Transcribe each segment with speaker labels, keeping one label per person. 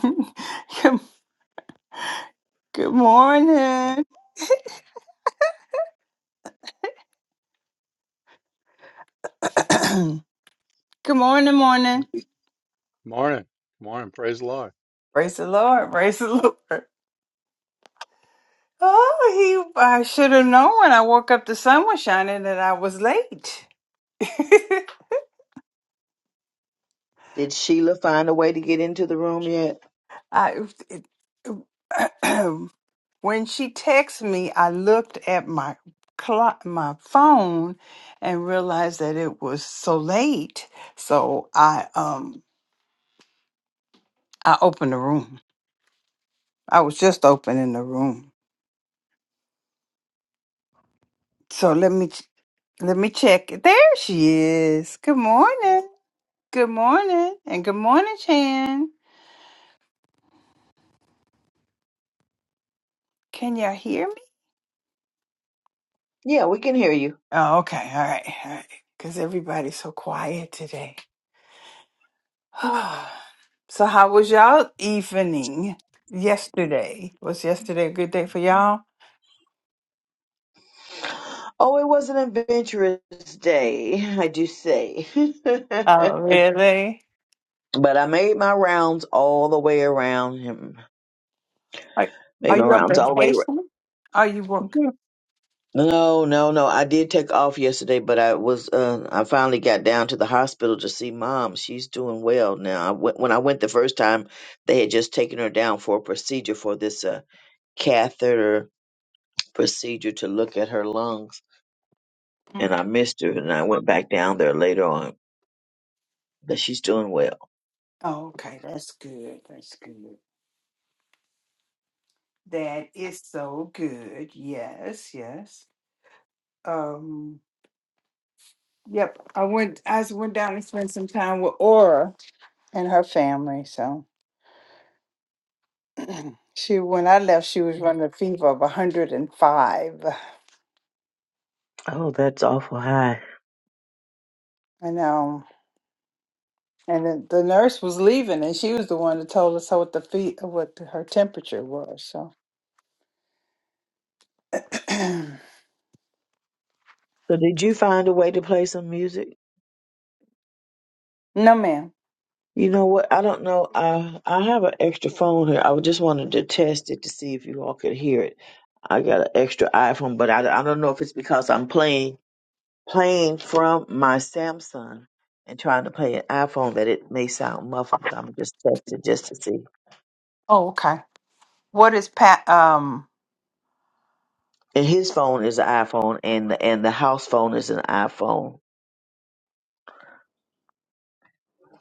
Speaker 1: Good, good morning. good morning, morning.
Speaker 2: Morning. Morning. Praise the Lord.
Speaker 1: Praise the Lord. Praise the Lord. Oh, he! I should have known when I woke up. The sun was shining, and I was late.
Speaker 3: Did Sheila find a way to get into the room yet?
Speaker 1: I it- when she texted me, I looked at my clock, my phone, and realized that it was so late. So I um I opened the room. I was just opening the room. So let me. Let me check. it. There she is. Good morning. Good morning. And good morning, Chan. Can y'all hear me?
Speaker 3: Yeah, we can hear you.
Speaker 1: Oh, okay. All right. All right. Because everybody's so quiet today. so, how was y'all evening yesterday? Was yesterday a good day for y'all?
Speaker 3: Oh, it was an adventurous day, I do say.
Speaker 1: Oh,
Speaker 3: but
Speaker 1: really?
Speaker 3: I made my rounds all the way around him.
Speaker 1: Like, are
Speaker 3: Made my
Speaker 1: you on
Speaker 3: rounds all the way around.
Speaker 1: vacation? Are you working?
Speaker 3: Mm-hmm. No, no, no. I did take off yesterday, but I was uh, I finally got down to the hospital to see mom. She's doing well now. I went, when I went the first time, they had just taken her down for a procedure for this uh, catheter procedure to look at her lungs
Speaker 1: Mm.
Speaker 3: and I missed her, and I went back down there later on. But she's doing well.
Speaker 1: Oh, okay. That's good. That's good. That is so good. Yes, yes. Um. Yep, I went. I s- went down and spent some time with Aura and her family. So she, when I left, she was running a fever of 105.
Speaker 3: Oh, that's awful high.
Speaker 1: I know, and then the nurse was leaving, and she was the one that told us what the feet, what the, her temperature was. So, no,
Speaker 3: So, did you find a way to play some music?
Speaker 1: ma'am.
Speaker 3: You know what? I don't know. I I have an extra phone here. I just wanted to test it to see if you all could hear it. I got an extra iPhone, but I, I don't know if it's because I'm playing playing from my Samsung and trying to play an iPhone that it may sound muffled. But I'm just testing just to see.
Speaker 1: Oh, okay. What is Pat? Um,
Speaker 3: And his phone is an iPhone, and the, and the house phone is an iPhone.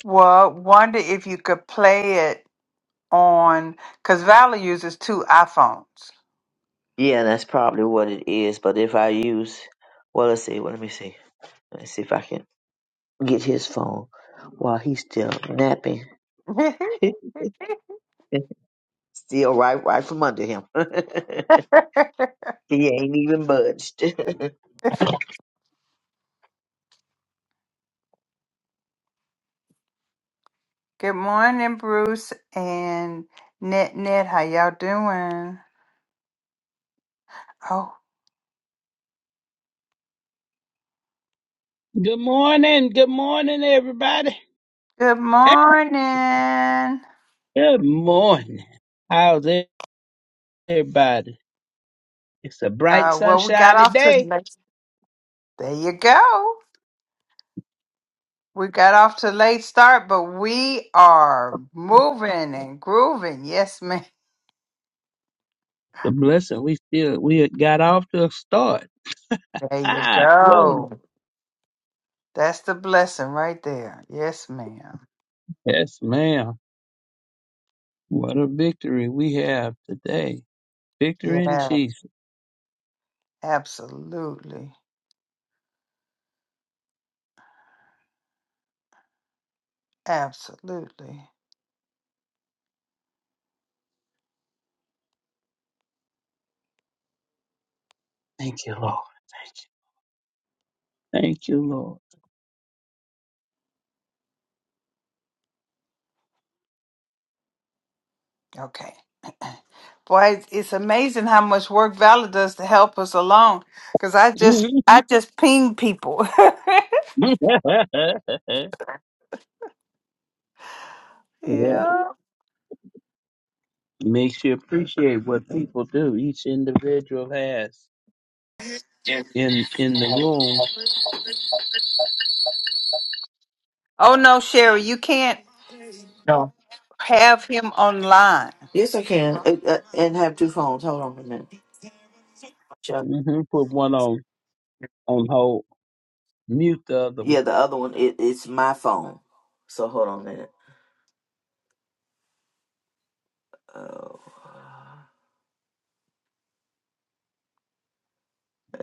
Speaker 1: well, wonder if you could play it on because Valerie uses two iPhones.
Speaker 3: Yeah, that's probably what it is. But if I use, well, let's see. Well, let me see. Let's see if I can get his phone while he's still napping. still right, right from under him. he ain't even budged.
Speaker 1: Good morning, Bruce and Knit Knit. How y'all doing? Oh,
Speaker 4: Good morning. Good morning, everybody.
Speaker 1: good morning.
Speaker 4: Good morning. How's everybody? It's a bright,
Speaker 1: Uh, well, we got
Speaker 4: sunshiny
Speaker 1: off to
Speaker 4: day.
Speaker 1: There you go. We got off to a late start, but we are moving and grooving. Yes, ma'am.
Speaker 4: It's a blessing. We still we had got off to a start.
Speaker 1: There you
Speaker 4: Ah, glory.
Speaker 1: go. That's the blessing right there. Yes, ma'am.
Speaker 4: Yes, ma'am. What a victory we have today. Victory in
Speaker 1: Yeah,
Speaker 4: Jesus.
Speaker 1: absolutely. Absolutely.
Speaker 4: Thank you, Lord. Thank you, Lord.
Speaker 1: Okay. Boy, it's it's amazing how much work Valor does to help us along. Cause I just
Speaker 4: Mhm.
Speaker 1: I just ping people.
Speaker 4: yeah.
Speaker 1: yeah.
Speaker 4: Makes you appreciate what people do. Each individual has in in the room
Speaker 1: Oh no, Sherry, you can't
Speaker 5: No.
Speaker 1: have him online.
Speaker 5: Yes, I can. It, uh, and have two phones. Hold on a minute. Check.
Speaker 4: hmm Put one on on hold, mute the other one,
Speaker 5: Yeah, the other one, it, it's my phone. So hold on a minute. Oh,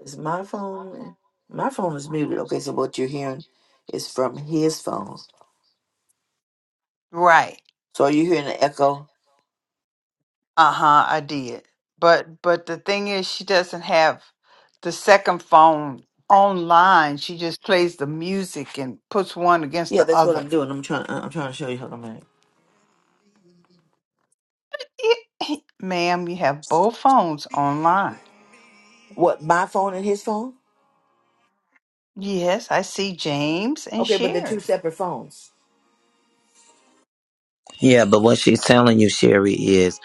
Speaker 5: is my phone? My phone is muted. Okay, so what you're hearing is from his phone.
Speaker 1: Right.
Speaker 5: So are you hearing the echo?
Speaker 1: Uh-huh, I did. But but the thing is she doesn't have the second phone online. She just plays the music and puts one against
Speaker 5: Yeah,
Speaker 1: the
Speaker 5: that's what
Speaker 1: other.
Speaker 5: I'm doing. I'm trying. uh, I'm trying to show you. Hold on a minute.
Speaker 1: Ma'am, you have both phones online.
Speaker 5: What my phone and his phone?
Speaker 1: Yes, I see James and
Speaker 5: Okay, but they're two
Speaker 1: Sherry,
Speaker 5: separate phones.
Speaker 6: Yeah, but what she's telling you, Sherry, is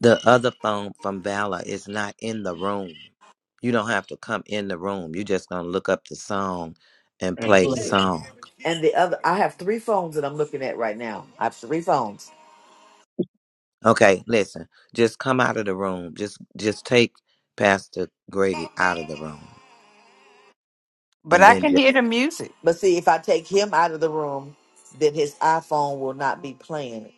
Speaker 6: the other phone from Vala is not in the room. You don't have to come in the room. You're just going to look up the song and
Speaker 4: and
Speaker 6: play the
Speaker 4: play it.
Speaker 6: song.
Speaker 5: And the other, I have three phones that I'm looking at right now. I have three phones.
Speaker 6: Okay, listen. Just come out of the room. Just just take Pastor Grady out of the room.
Speaker 1: but
Speaker 6: And
Speaker 1: I
Speaker 6: then
Speaker 1: can
Speaker 6: just,
Speaker 1: hear the music.
Speaker 5: But see, if I take him out of the room, then his iPhone will not be playing.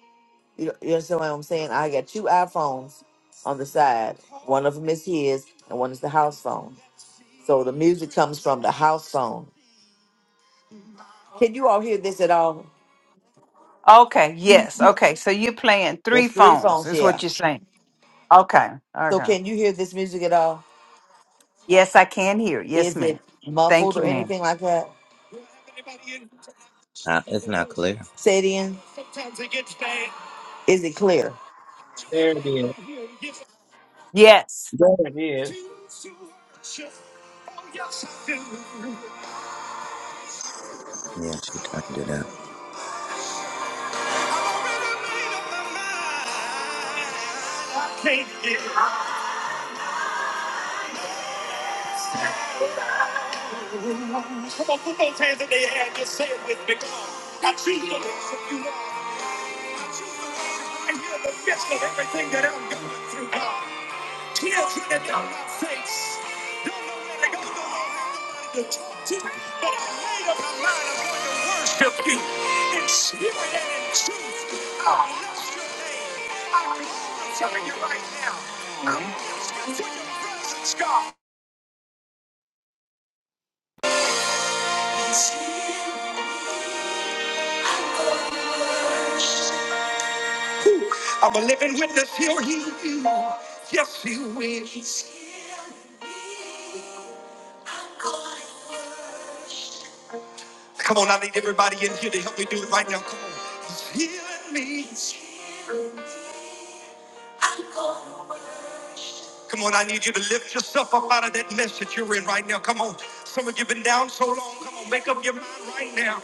Speaker 5: You, you understand what I'm saying? I got two iPhones on the side. One of them is his, and one is the house phone. So the music comes from the house phone. Can you all hear this at all?
Speaker 1: Okay, yes. Okay, so you're playing three
Speaker 5: There's three
Speaker 1: phones,
Speaker 5: phones,
Speaker 1: is
Speaker 5: yeah.
Speaker 1: what you're saying. Okay,
Speaker 5: So
Speaker 1: okay.
Speaker 5: can you hear this music at all?
Speaker 1: Yes, I can hear. Yes,
Speaker 5: Is it
Speaker 1: ma'am.
Speaker 5: muffled
Speaker 1: Thank you,
Speaker 5: or
Speaker 1: ma'am.
Speaker 5: anything like that?
Speaker 6: uh, it's not clear.
Speaker 5: Say it in. Is it clear?
Speaker 4: There it is.
Speaker 1: Yes,
Speaker 4: There it is.
Speaker 5: Choose to worship. Oh, yes, I do.
Speaker 6: Yeah, she turned it up.
Speaker 5: I can't get it. Come on, put those hands in the air and just say it with me. Come on. I choose to worship you, Lord. I choose to worship you I hear the best of everything that I'm going through, God. Children that don't have don't know where to go, don't have anybody to talk to. But I made up my mind I'm going to worship you in spirit and in truth. I bless your name. I glorify you right now. I bless you for your presence, God. Ooh, I'm a living witness. He'll heal you. Yes, he will. Come on, I need everybody in here to help me do it right now. Come on. He's healing me. Come on, I need you to lift yourself up out of that mess that you're in right now. Come on. Some of you have been down so long. Come on, make up your mind right now.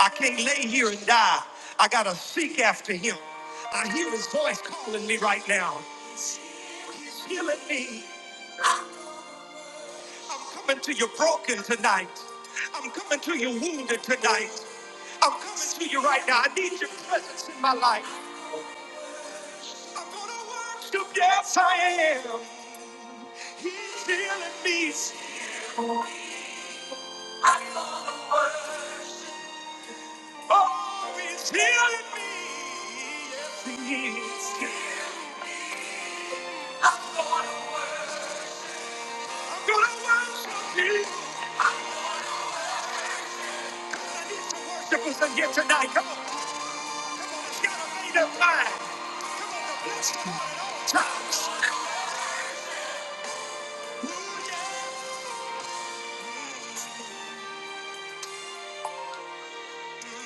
Speaker 5: I can't lay here and die. I gotta seek after him. I hear his voice calling me right now. He's healing me. I'm coming to you broken tonight. I'm coming to you wounded tonight. I'm coming to you right now. I need your presence in my life. I'm gonna worship, yes I am. He's healing me. I'm gonna worship. Oh, he's healing me. Yes, he is. I'm gonna worship. I'm gonna worship him. I need some worshipers in here tonight. Come on. Come on, it's gotta be the mind. Come on, the bless the Lord at all times.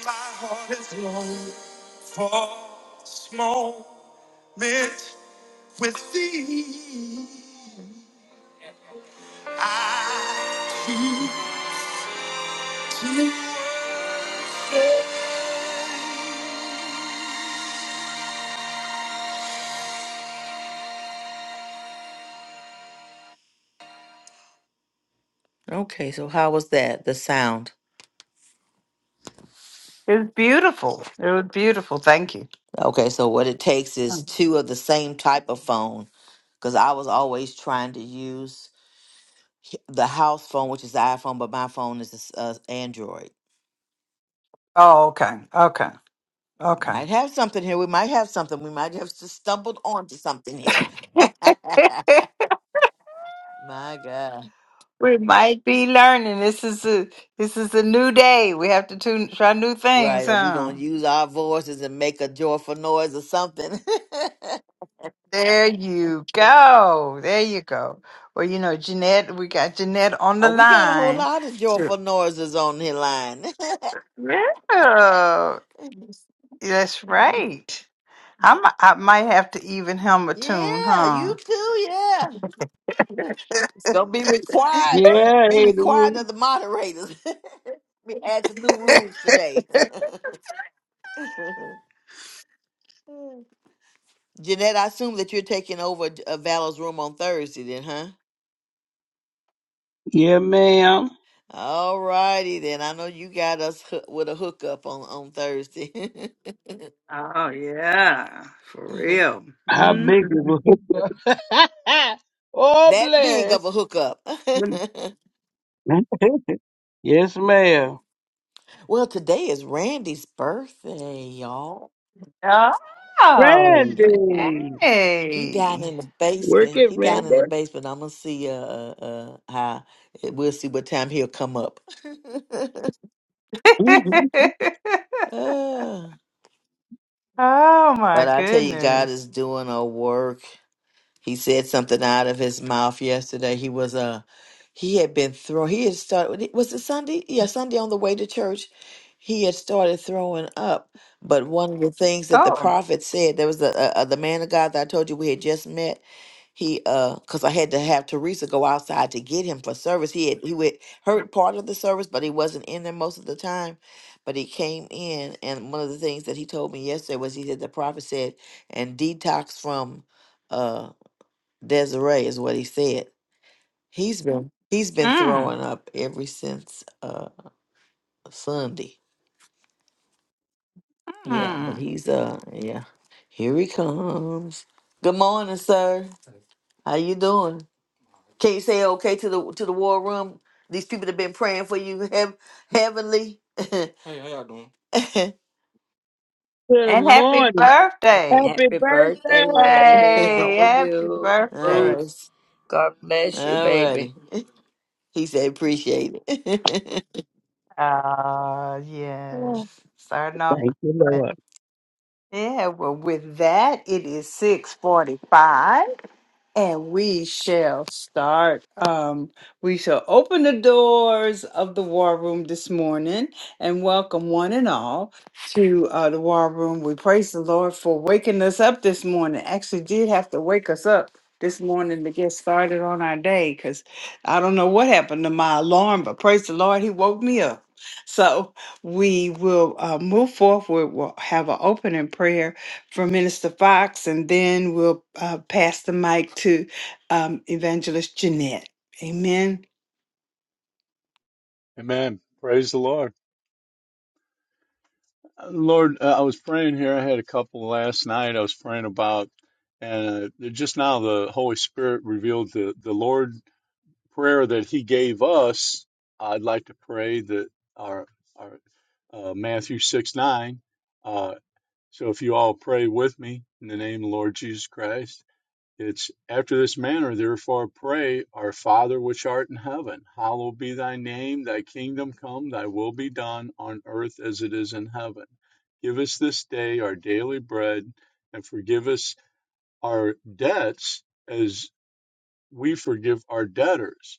Speaker 5: My heart is low for this moment with thee. I keep Okay, so how was that? The sound.
Speaker 1: it was beautiful. It was beautiful. Thank you.
Speaker 5: Okay, so what it takes is two of the same type of phone. Because I was always trying to use h- the house phone, which is the iPhone, but my phone is this, uh, Android.
Speaker 1: Oh, okay, okay, okay.
Speaker 5: Might have something here. We might have something. We might have just stumbled onto something here. my God.
Speaker 1: we might be learning. This is a this is a new day. We have to tune, try new things,
Speaker 5: Right. Are we
Speaker 1: huh?
Speaker 5: going to use our voices and make a joyful noise or something?
Speaker 1: There you go. There you go. Well, you know, Jeanette, we got Jeanette on the
Speaker 5: Oh, we got a whole
Speaker 1: line.
Speaker 5: lot of
Speaker 1: So-
Speaker 5: joyful noises on the line.
Speaker 1: Yeah, that's right. I might, I might have to even him a tune,
Speaker 5: yeah, you
Speaker 1: huh?
Speaker 5: too. Yeah, it's gonna be required.
Speaker 4: Yeah,
Speaker 5: Be
Speaker 4: hey, the
Speaker 5: required
Speaker 4: room.
Speaker 5: of the moderators. we add some new rules today. Jeanette, I assume that you're taking over uh, Val's room on Thursday, then, huh?
Speaker 4: Yeah, ma'am.
Speaker 5: All righty then. I know you got us hoo- with a hookup on on Thursday.
Speaker 1: Oh, yeah, for real.
Speaker 4: How
Speaker 1: hmm
Speaker 4: big the room? oh,
Speaker 5: that big of
Speaker 4: bless.
Speaker 5: a hookup.
Speaker 4: yes,
Speaker 5: Mhm.
Speaker 4: ma'am.
Speaker 5: Well, today is Randy's birthday, y'all.
Speaker 1: Oh,
Speaker 5: Yeah.
Speaker 4: Randy,
Speaker 5: He down
Speaker 1: yay.
Speaker 5: in the
Speaker 4: work
Speaker 5: basement.
Speaker 4: it,
Speaker 5: He down in the
Speaker 4: Randy.
Speaker 5: basement. I'm gonna see uh uh uh, how eh, we'll see what time he'll come up.
Speaker 4: hmm
Speaker 5: Uh,
Speaker 1: oh,
Speaker 5: but
Speaker 1: my
Speaker 5: I tell you, God is
Speaker 1: goodness.
Speaker 5: doing a work. He said something out of his mouth yesterday. He was uh, he had been throwing. He had started. Was it Sunday? Yeah, Sunday on the way to church, he had started throwing up. But one of the things that the
Speaker 1: Oh,
Speaker 5: prophet said, there was a, a, a- the man of God that I told you we had just met. He uh, cause I had to have Teresa go outside to get him for service. He had he would heard part of the service, but he wasn't in there most of the time. But he came in, and one of the things that he told me yesterday was he said the prophet said and detox from. uh, Desiree is what he said. He's been he's been
Speaker 1: mm,
Speaker 5: throwing up ever since uh Sunday. Yeah, but
Speaker 1: mm.
Speaker 5: he's uh yeah. Here he comes. Good morning, sir. How you doing? Can you say okay to the to the war room? These people have been praying for you heav heavenly. All
Speaker 4: Good
Speaker 1: and happy
Speaker 4: morning.
Speaker 1: birthday.
Speaker 4: Happy
Speaker 7: Happy
Speaker 4: birthday.
Speaker 7: birthday, Randy. How
Speaker 1: Hey,
Speaker 7: are
Speaker 1: happy
Speaker 7: you?
Speaker 1: birthday.
Speaker 5: right.
Speaker 7: Bruce, God bless you,
Speaker 5: All
Speaker 7: baby.
Speaker 5: righty. He said appreciate it.
Speaker 1: Uh yes. Starting off.
Speaker 4: Thank you, Lord.
Speaker 1: Yeah, well with that it is six forty five. And we shall start. Um, we shall open the doors of the war room this morning and welcome one and all to uh, the war room. We praise the Lord for waking us up this morning. Actually, did have to wake us up this morning to get started on our day because I don't know what happened to my alarm, but praise the Lord, He woke me up. So we will uh, move forward. We'll have an opening prayer from Minister Fox, and then we'll uh, pass the mic to um, Evangelist Jeanette. Amen.
Speaker 2: Amen. Praise the Lord. Lord, uh, I was praying here. I had a couple last night I was praying about, and uh, just now the Holy Spirit revealed the, the Lord prayer that He gave us. I'd like to pray that our, our uh, Matthew 6 9. Uh, so if you all pray with me in the name of the Lord Jesus Christ. It's after this manner, therefore, pray, Our Father which art in heaven, hallowed be thy name, thy kingdom come, thy will be done on earth as it is in heaven. Give us this day our daily bread, and forgive us our debts as we forgive our debtors.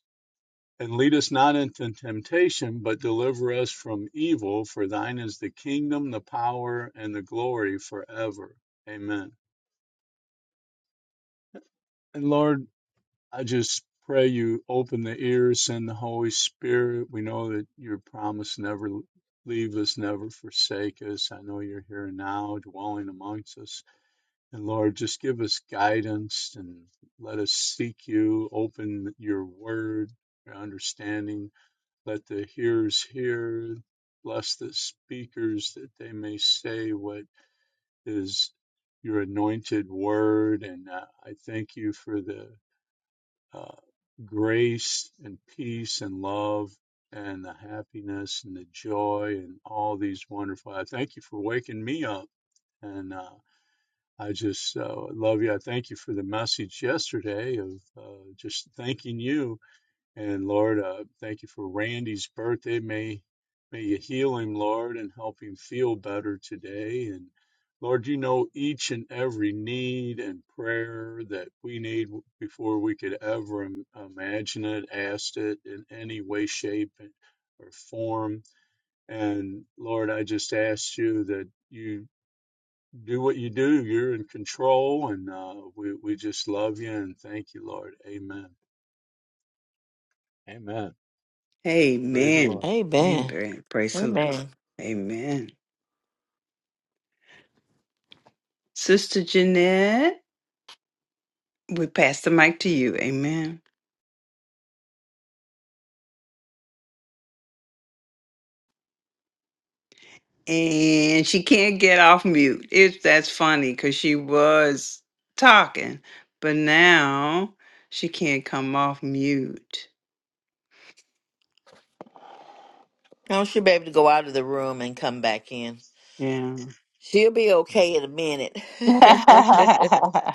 Speaker 2: And lead us not into temptation, but deliver us from evil. For thine is the kingdom, the power, and the glory forever. Amen. And Lord, I just pray you open the ears, send the Holy Spirit. We know that your promise never leave us, never forsake us. I know you're here now, dwelling amongst us. And Lord, just give us guidance and let us seek you. Open your word, your understanding. Let the hearers hear. Bless the speakers that they may say what is your anointed word. And uh, I thank you for the uh, grace and peace and love and the happiness and the joy and all these wonderful. I thank you for waking me up. And uh, I just uh, love you. I thank you for the message yesterday of uh, just thanking you and Lord, uh, thank you for Randy's birthday. May may you heal him, Lord, and help him feel better today. And Lord, you know each and every need and prayer that we need before we could ever im- imagine it, ask it in any way, shape, and- or form. And Lord, I just ask you that you do what you do. You're in control, and uh, we we just love you and thank you, Lord. Amen. Amen. Praise the
Speaker 1: Amen.
Speaker 2: Lord.
Speaker 5: Amen.
Speaker 1: Amen. Praise the Lord.
Speaker 5: Amen.
Speaker 1: Amen. Sister Jeanette, we pass the mic to you. Amen. And she can't get off mute. It's that's funny because she was talking, but now she can't come off mute.
Speaker 5: I should be able to go out of the room and come back in.
Speaker 1: Yeah.
Speaker 5: She'll be okay in a minute.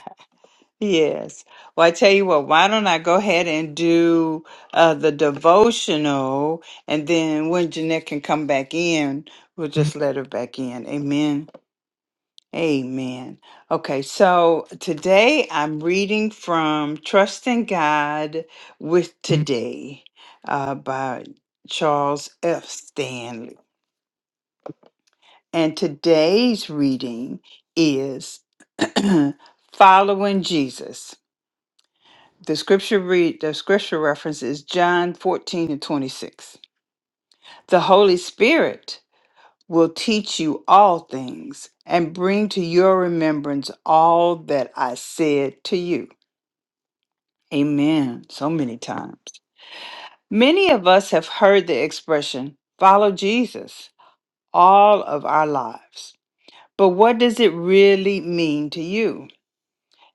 Speaker 1: Yes. Well, I tell you what, why don't I go ahead and do uh, the devotional, and then when Jeanette can come back in, we'll just let her back in. Amen. Amen. Okay, so today I'm reading from Trusting God with Today uh, by Charles F. Stanley. And today's reading is Following Jesus. The scripture read the scripture reference is John 14 and 26. The Holy Spirit will teach you all things and bring to your remembrance all that I said to you. Amen. So many times. Many of us have heard the expression follow Jesus all of our lives. But what does it really mean to you?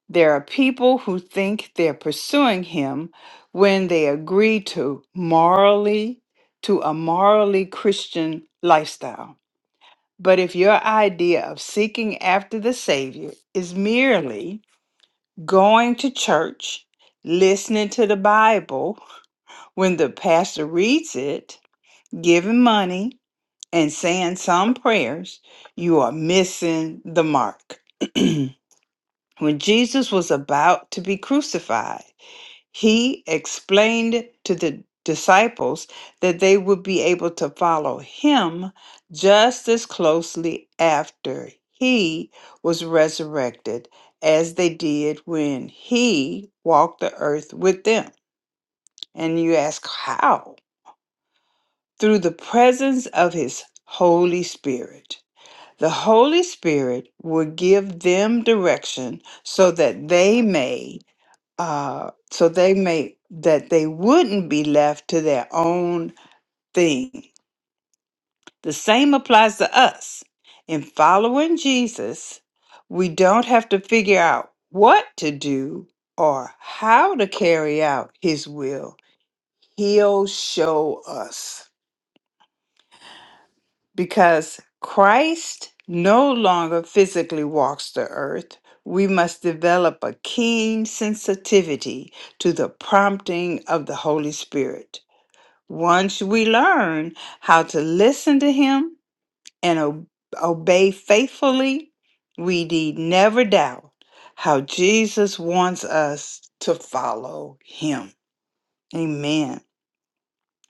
Speaker 1: There are people who think they're pursuing him when they agree to morally to a morally Christian lifestyle. But if your idea of seeking after the Savior is merely going to church, listening to the Bible when the pastor reads it, giving money, and saying some prayers, you are missing the mark. when Jesus was about to be crucified, He explained to the disciples that they would be able to follow him just as closely after he was resurrected as they did when he walked the earth with them. And you ask, how? Through the presence of his Holy Spirit. The Holy Spirit will give them direction so that they may uh, so they may that they wouldn't be left to their own thing. The same applies to us. In following Jesus, we don't have to figure out what to do or how to carry out his will. He'll show us because Christ no longer physically walks the earth. We must develop a keen sensitivity to the prompting of the Holy Spirit Once we learn how to listen to Him and o- obey faithfully, we need never doubt how Jesus wants us to follow Him. Amen.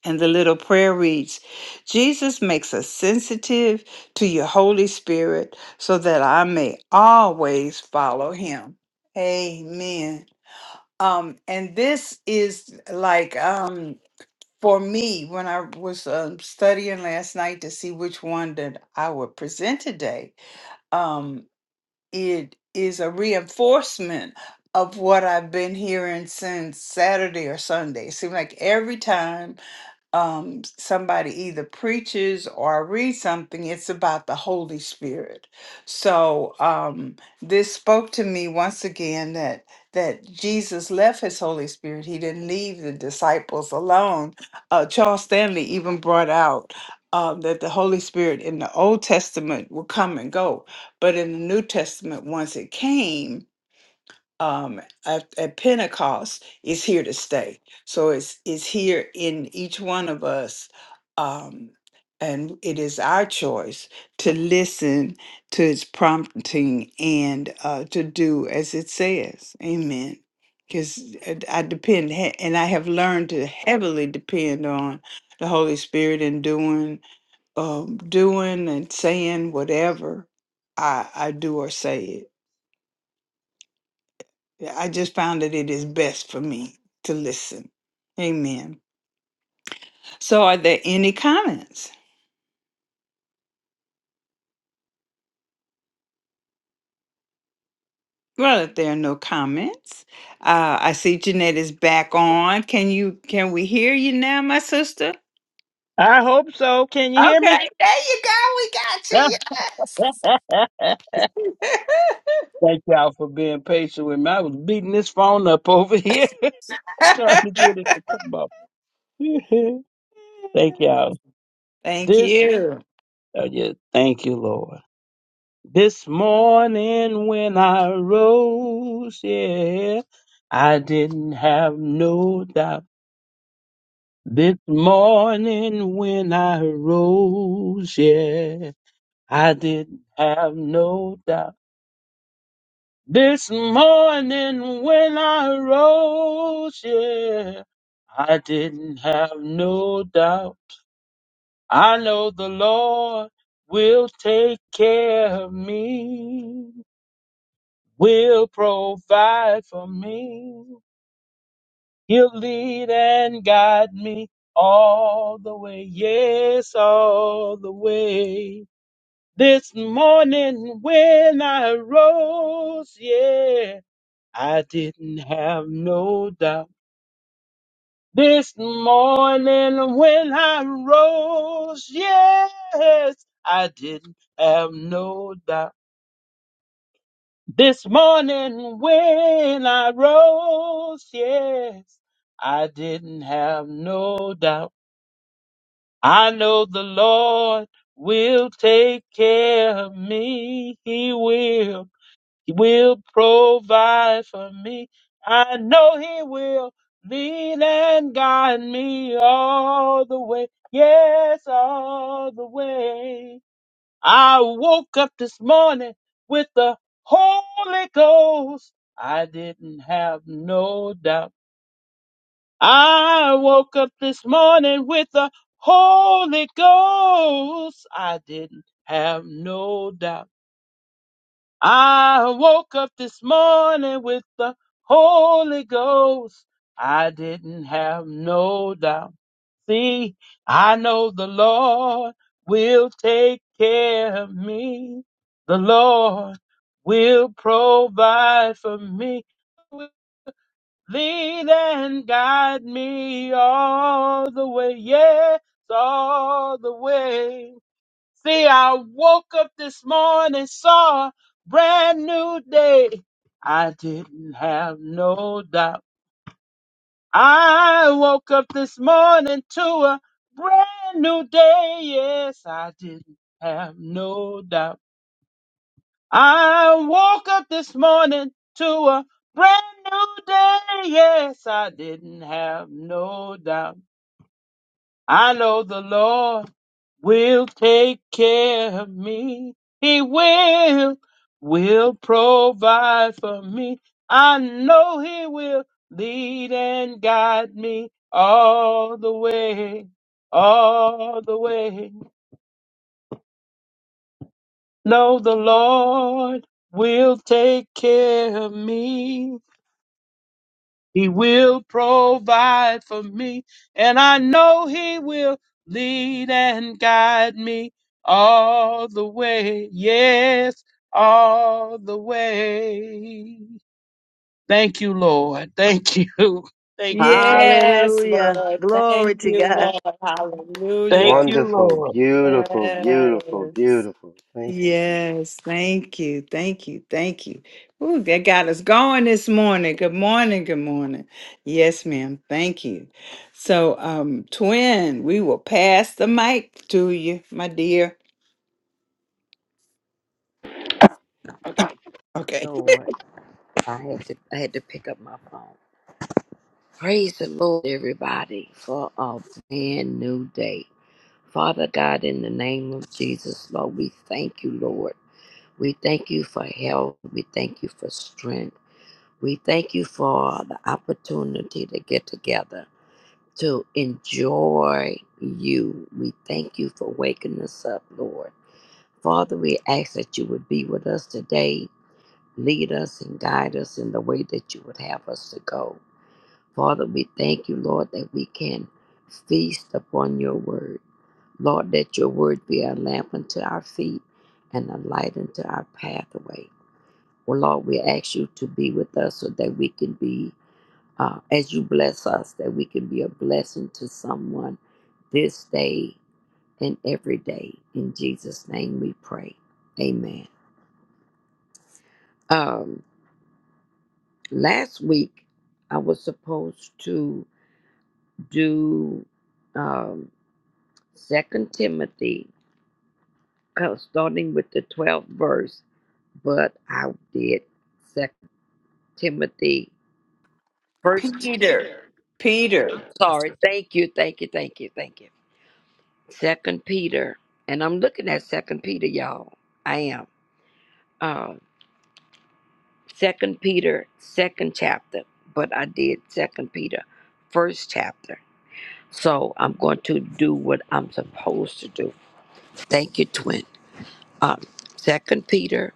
Speaker 1: And the little prayer reads Jesus makes us sensitive to your Holy Spirit so that I may always follow Him. Amen. Um, and this is like, um, for me when i was um, studying last night to see which one that i would present today um, it is a reinforcement of what i've been hearing since saturday or sunday it seems like every time um, somebody either preaches or I read something, it's about the Holy Spirit. So um, this spoke to me once again that that Jesus left his Holy Spirit. He didn't leave the disciples alone. Uh, Charles Stanley even brought out um, that the Holy Spirit in the Old Testament would come and go, but in the New Testament, once it came, um, at, at Pentecost is here to stay. So it's it's here in each one of us, um, and it is our choice to listen to its prompting and uh, to do as it says. Amen. Because I depend, he- and I have learned to heavily depend on the Holy Spirit in doing, um, doing and saying whatever I, I do or say. Yeah, I just found that it is best for me to listen. Amen. So, are there any comments? Well, if there are no comments, uh, I see Jeanette is back on. Can you? Can we hear you now, my sister?
Speaker 4: I hope so. Can you hear me?
Speaker 1: Okay, there you go. We got you.
Speaker 4: Thank y'all for being patient with me. I was beating this phone up over here trying
Speaker 1: Yes.
Speaker 4: to get it to come up. thank y'all.
Speaker 1: Thank
Speaker 4: This,
Speaker 1: you.
Speaker 4: uh, yeah, thank you, Lord. This morning when I rose, yeah, I didn't have no doubt. This morning when I rose, yeah, I didn't have no doubt. This morning when I rose, yeah, I didn't have no doubt. I know the Lord will take care of me, will provide for me. He'll lead and guide me all the way, yes, all the way. This morning when I rose, yeah. I didn't have no doubt this morning when I rose. Yes, I didn't have no doubt this morning when I rose. Yes, I didn't have no doubt. I know the Lord will take care of me. He will. He will provide for me. I know He will lead and guide me all the way. Yes, all the way. I woke up this morning with the Holy Ghost. I didn't have no doubt. I woke up this morning with the Holy Ghost. I didn't have no doubt. I woke up this morning with the Holy Ghost. I didn't have no doubt. See, I know the Lord will take care of me. The Lord will provide for me. Will Lead and guide me all the way. Yes, all the way. See, I woke up this morning, saw a brand new day. I didn't have no doubt. I woke up this morning to a brand new day. Yes, I didn't have no doubt. I woke up this morning to a brand new day. Yes, I didn't have no doubt. I know the Lord. will take care of me. He will, will provide for me. I know He will lead and guide me all the way, all the way. No, the Lord will take care of me. He will provide for me, and I know He will lead and guide me all the way. Yes, all the way. Thank you, Lord. Thank you. Thank you, God.
Speaker 1: Yes,
Speaker 3: Hallelujah!
Speaker 1: Lord.
Speaker 3: Glory
Speaker 1: Thank
Speaker 3: to
Speaker 1: you,
Speaker 3: God.
Speaker 1: Lord.
Speaker 4: Thank
Speaker 1: Hallelujah.
Speaker 4: you,
Speaker 5: Wonderful,
Speaker 4: Lord.
Speaker 5: beautiful, beautiful,
Speaker 1: Yes.
Speaker 5: beautiful. Thank you, Jesus.
Speaker 1: Yes, thank you, thank you, thank you. Ooh, that got us going this morning. Good morning, good morning. Yes, ma'am, thank you. So, um, twin, we will pass the mic to you, my dear.
Speaker 7: Okay.
Speaker 1: Okay,
Speaker 7: Lord, I had to I had to pick up my phone. Praise the Lord, everybody, for a brand new day. Father God, in the name of Jesus, Lord, we thank you, Lord. We thank you for health. We thank you for strength. We thank you for the opportunity to get together to enjoy you. We thank you for waking us up, Lord. Father, we ask that you would be with us today. Lead us and guide us in the way that you would have us to go. Father, we thank you, Lord, that we can feast upon your word. Lord, that your word be a lamp unto our feet and a light unto our pathway. Well, Lord, we ask you to be with us so that we can be, uh, as you bless us, that we can be a blessing to someone this day and every day. In Jesus' name we pray. Amen. Um, last week, I was supposed to do um, Second Timothy, uh, starting with the 12th verse, but I did Second Timothy first.
Speaker 1: Peter. Peter.
Speaker 7: Sorry, thank you, thank you, thank you, thank you. Second Peter, and I'm looking at Second Peter, y'all. I am. Um, Second Peter, second chapter, but I did Second Peter, first chapter. So I'm going to do what I'm supposed to do. Thank you, twin. Um, Second Peter,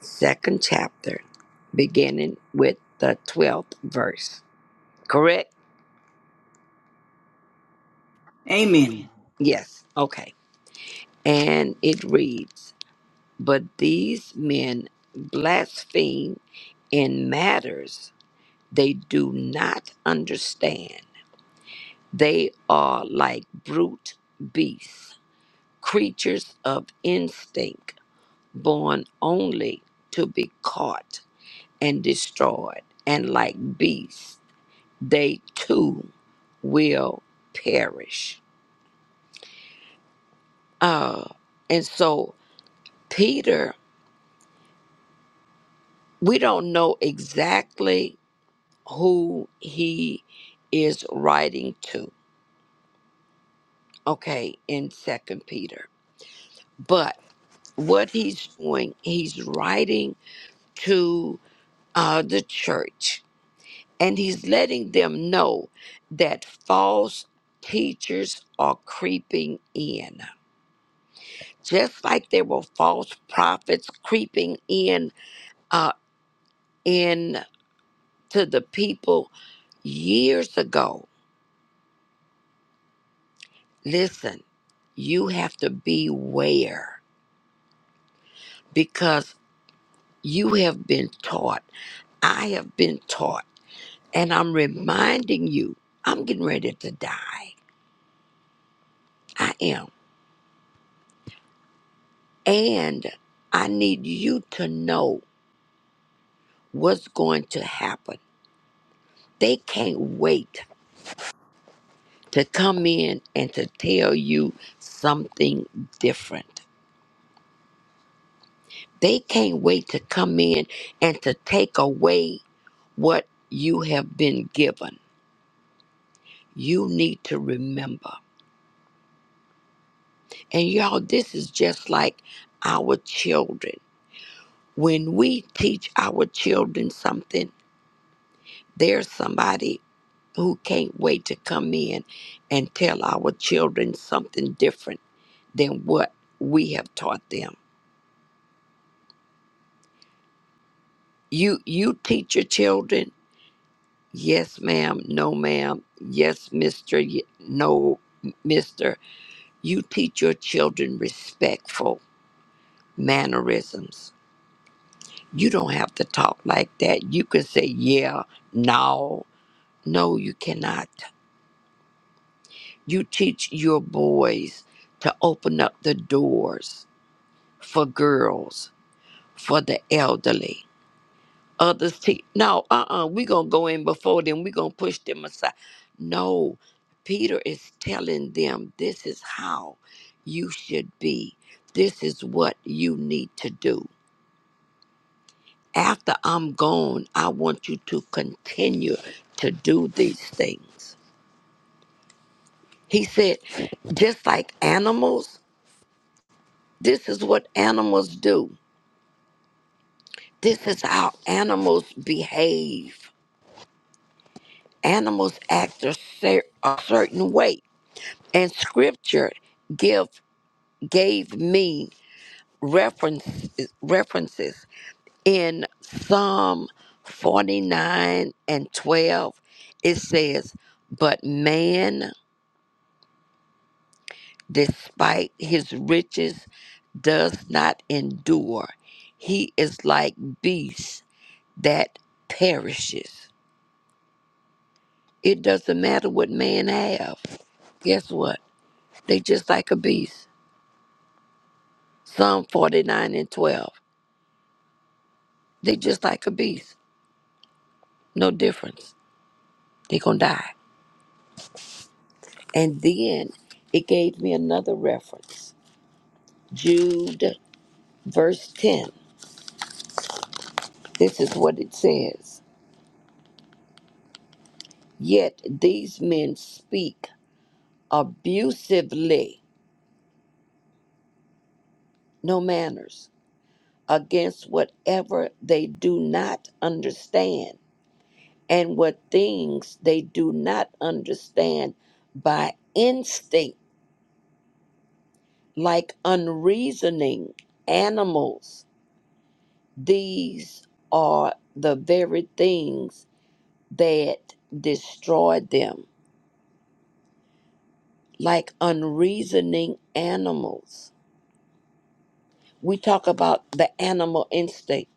Speaker 7: second chapter, beginning with the twelfth verse. Correct?
Speaker 1: Amen.
Speaker 7: Yes. Okay. And it reads, "But these men blaspheme in matters they do not understand. They are like brute beasts, creatures of instinct." born only to be caught and destroyed, and like beasts, they too will perish. Uh, and so, Peter, we don't know exactly who he is writing to, okay, in Second Peter, but what he's doing, he's writing to uh, the church And he's letting them know that false teachers are creeping in. Just like there were false prophets creeping in uh in to the people years ago. Listen, you have to beware because you have been taught. I have been taught. And I'm reminding you, I'm getting ready to die. I am. And I need you to know what's going to happen. They can't wait to come in and to tell you something different. They can't wait to come in and to take away what you have been given. You need to remember. And y'all, this is just like our children. When we teach our children something, there's somebody who can't wait to come in and tell our children something different than what we have taught them. You you teach your children, yes ma'am, no ma'am, yes mister, ye- no mister. You teach your children respectful mannerisms. You don't have to talk like that. You can say yeah, no. No, you cannot. You teach your boys to open up the doors for girls, for the elderly others te No, uh-uh. We're gonna go in before them. We're gonna push them aside. No, Peter is telling them this is how you should be. This is what you need to do. After I'm gone, I want you to continue to do these things. He said, just like animals, this is what animals do. This is how animals behave. Animals act a cer- a certain way and scripture give gave me reference references in Psalm 49 and 12 it says but man despite his riches does not endure he is like beast that perishes it doesn't matter what man have guess what they just like a beast Psalm 49 and 12 they just like a beast No difference. They're going to die. And then it gave me another reference Jude, verse 10. This is what it says Yet these men speak abusively, no manners, against whatever they do not understand, and what things they do not understand by instinct, like unreasoning animals These are the very things that destroy them, like unreasoning animals. We talk about the animal instinct.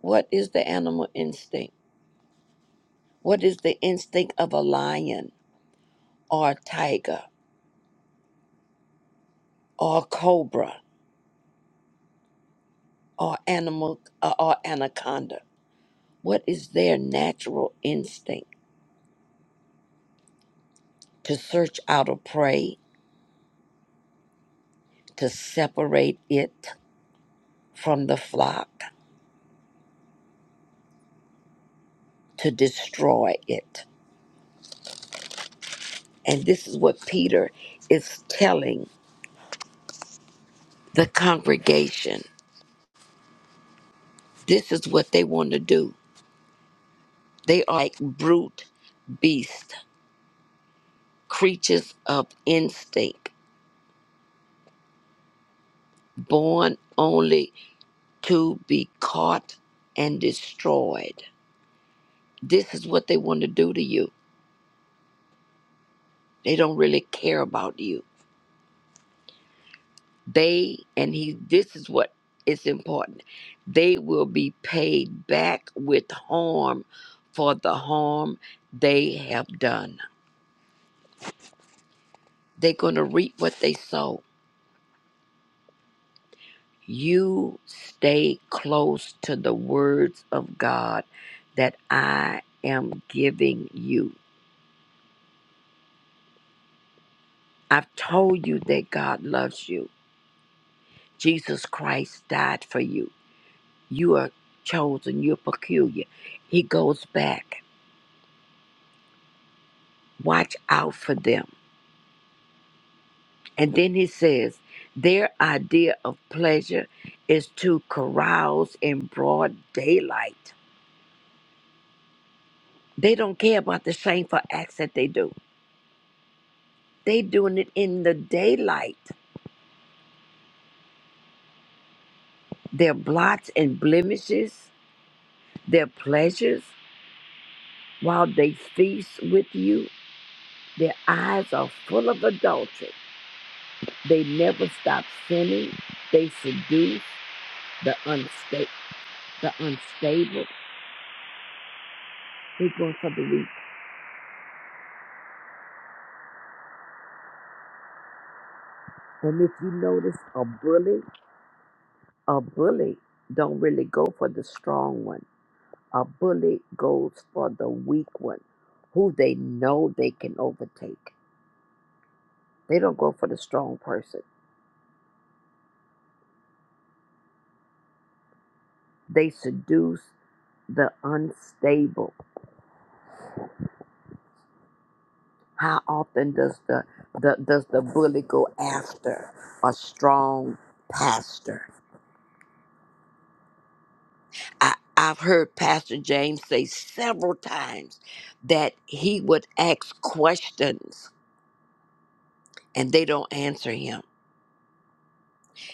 Speaker 7: What is the animal instinct? What is the instinct of a lion or a tiger or a cobra or animal uh, or anaconda? What is their natural instinct? To search out a prey, to separate it from the flock to destroy it. And this is what Peter is telling the congregation. This is what they want to do. They are like brute beasts, creatures of instinct, born only to be caught and destroyed. This is what they want to do to you. They don't really care about you They and he this is what is important. They will be paid back with harm for the harm they have done. They're going to reap what they sow. You stay close to the words of God that I am giving you. I've told you that God loves you. Jesus Christ died for you. You are chosen, you're peculiar. He goes back. Watch out for them. And then he says, their idea of pleasure is to carouse in broad daylight. They don't care about the shameful acts that they do. They doing it in the daylight. Their blots and blemishes, their pleasures, while they feast with you, their eyes are full of adultery. They never stop sinning. They seduce the unsta- the unstable. They're going for the weak. And if you notice a bully A bully don't really go for the strong one. A bully goes for the weak one, who they know they can overtake. They don't go for the strong person. They seduce the unstable. How often does the, the does the bully go after a strong pastor? I, I've heard Pastor James say several times that he would ask questions and they don't answer him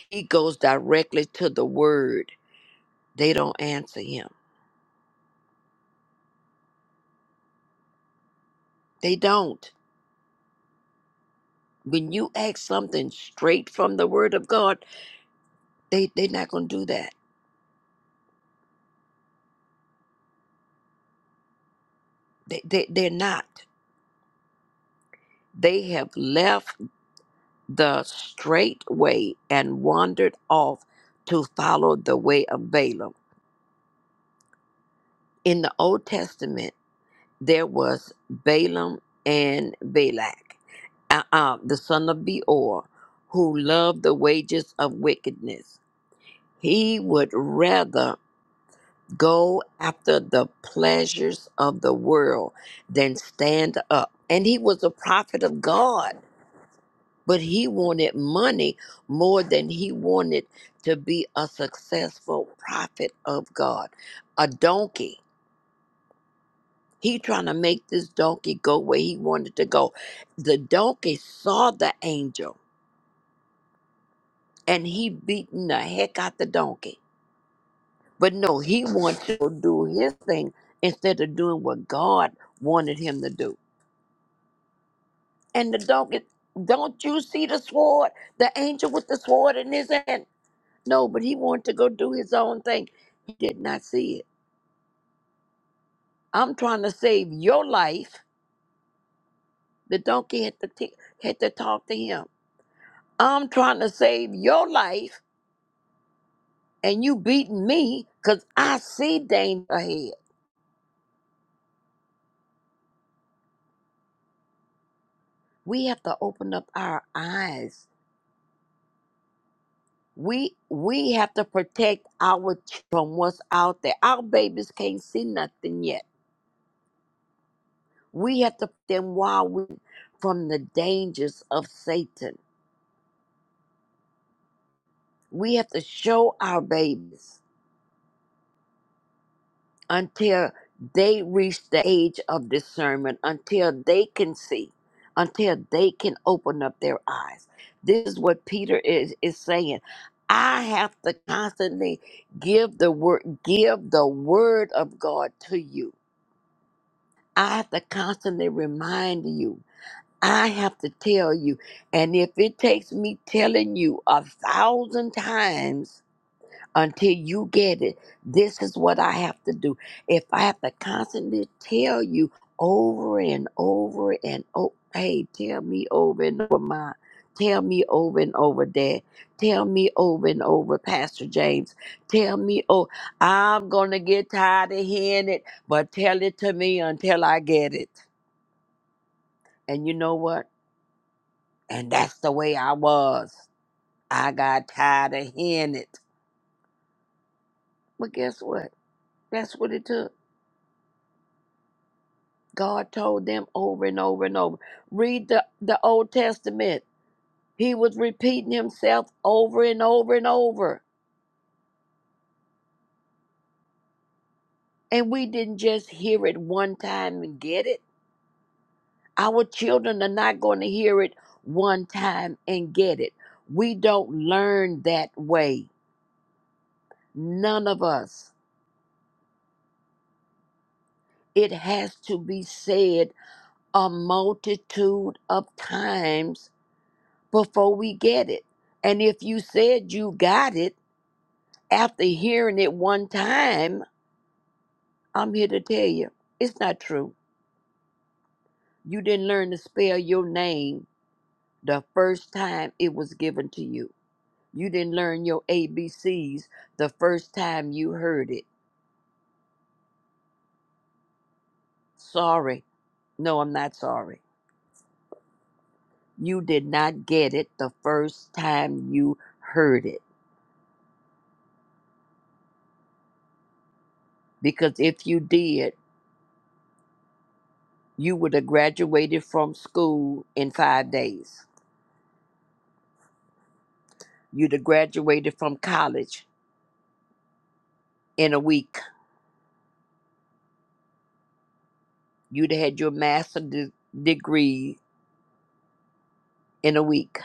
Speaker 7: He goes directly to the word. They don't answer him. They don't. When you ask something straight from the word of God, they, they're not going to do that. They, they, they're not. They have left the straight way and wandered off to follow the way of Balaam. In the Old Testament, there was Balaam and Balak, uh, uh, the son of Beor, who loved the wages of wickedness. He would rather go after the pleasures of the world than stand up. And he was a prophet of God, but he wanted money more than he wanted to be a successful prophet of God. A donkey. He trying to make this donkey go where he wanted to go. The donkey saw the angel and he beaten the heck out the donkey. But no, he wanted to do his thing instead of doing what God wanted him to do. and the dog is, don't you see the sword the angel with the sword in his hand no but he wanted to go do his own thing he did not see it i'm trying to save your life the donkey had to t- had to talk to him i'm trying to save your life and you beating me because i see danger ahead we have to open up our eyes we we have to protect our ch- from what's out there our babies can't see nothing yet We have to put them while we from the dangers of Satan. We have to show our babies until they reach the age of discernment, until they can see, until they can open up their eyes. This is what Peter is, is saying. I have to constantly give the word give the word of God to you. I have to constantly remind you I have to tell you. And if it takes me telling you a thousand times until you get it, this is what I have to do. If I have to constantly tell you over and over and over, hey, tell me over and over, Ma. Tell me over and over, Dad. Tell me over and over, Pastor James. Tell me, oh, I'm going to get tired of hearing it, but tell it to me until I get it. And you know what? And that's the way I was. I got tired of hearing it. But guess what? That's what it took. God told them over and over and over. Read the, the Old Testament. He was repeating himself over and over and over. And we didn't just hear it one time and get it. Our children are not going to hear it one time and get it. We don't learn that way. None of us. It has to be said a multitude of times before we get it. And if you said you got it after hearing it one time, I'm here to tell you it's not true. You didn't learn to spell your name the first time it was given to you. You didn't learn your A B C's the first time you heard it. Sorry. No, I'm not sorry. You did not get it the first time you heard it. Because if you did, you would have graduated from school in five days. You'd have graduated from college in a week. You'd have had your master's de- degree in a week,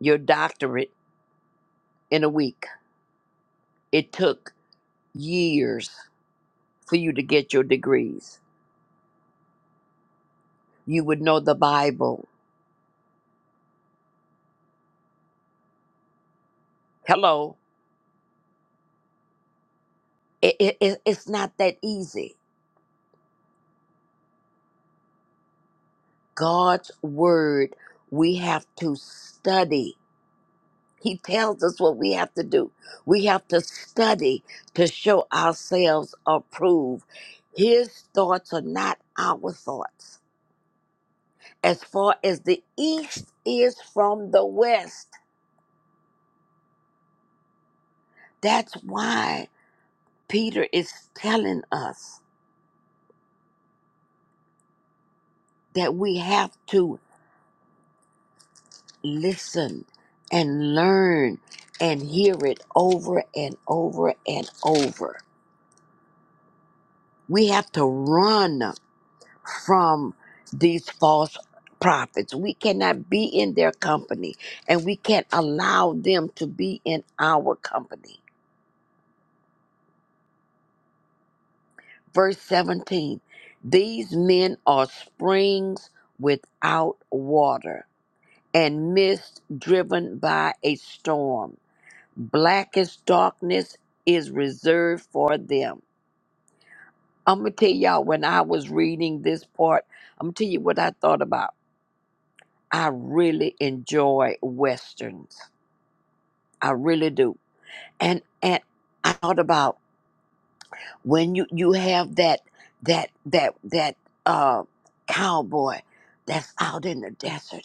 Speaker 7: your doctorate in a week. It took years for you to get your degrees. You would know the Bible. Hello. It, it, it- it's not that easy. God's word, we have to study. He tells us what we have to do. We have to study to show ourselves approved. His thoughts are not our thoughts. As far as the east is from the west, that's why Peter is telling us that we have to listen and learn and hear it over and over and over. We have to run. from these false prophets. We cannot be in their company and we can't allow them to be in our company. Verse 17 These men are springs without water and mist driven by a storm. Blackest darkness is reserved for them. I'm going to tell y'all when I was reading this part, I'm going to tell you what I thought about. I really enjoy Westerns. I really do. And and I thought about when you you have that that that that uh cowboy that's out in the desert,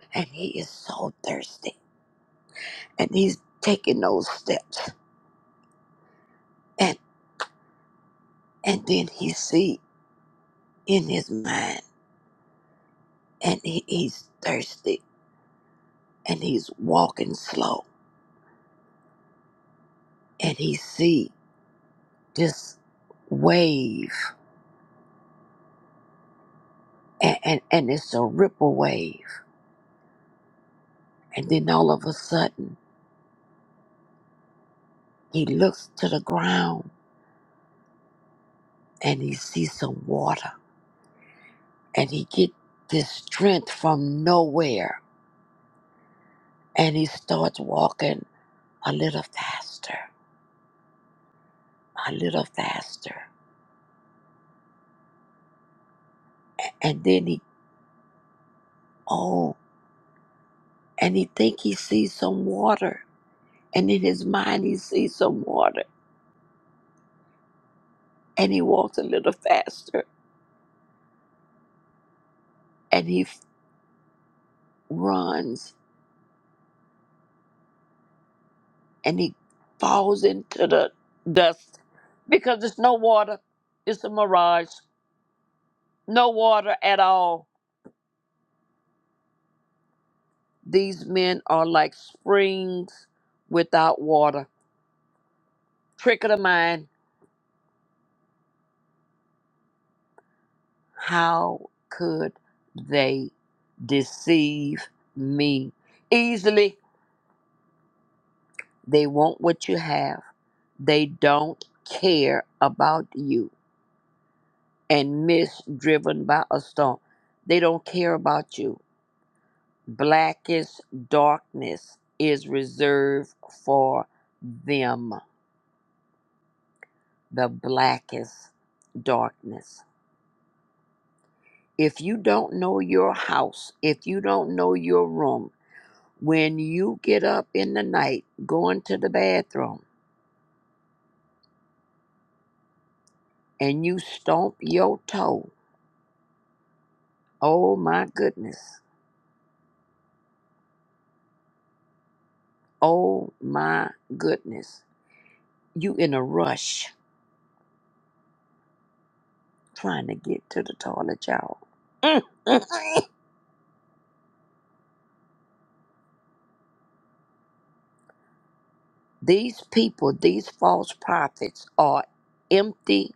Speaker 7: and he is so thirsty, and he's taking those steps, and and then he see in his mind, and he, he's thirsty, and he's walking slow, and he see this wave, and, and and it's a ripple wave, and then all of a sudden He looks to the ground and he sees some water and he get this strength from nowhere and he starts walking a little faster, a little faster. And then he oh, and he think he sees some water. And in his mind he sees some water and he walks a little faster and he f- runs and he falls into the dust because there's no water. It's a mirage. No water at all These men are like springs without water. Trick of the mind. How could they deceive me? Easily, they want what you have. They don't care about you. And mist driven by a storm. They don't care about you. Blackest darkness is reserved for them. The blackest darkness. If you don't know your house, if you don't know your room, when you get up in the night going to the bathroom and you stomp your toe, oh my goodness, oh my goodness, you in a rush trying to get to the toilet, y'all. Mm. these people, these false prophets, are empty,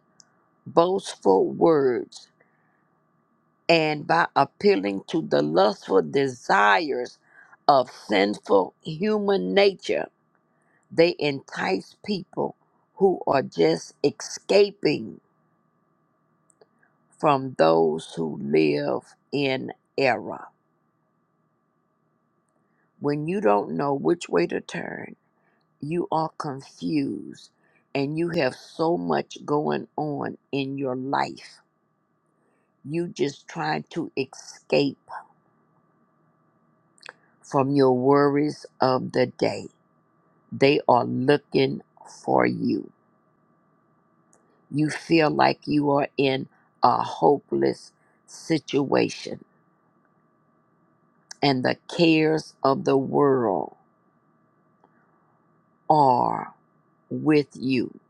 Speaker 7: boastful words and by appealing to the lustful desires of sinful human nature, they entice people who are just escaping from those who live in error. When you don't know which way to turn, you are confused and you have so much going on in your life. You just trying to escape from your worries of the day They are looking for you. You feel like you are in a hopeless situation, and the cares of the world are with you.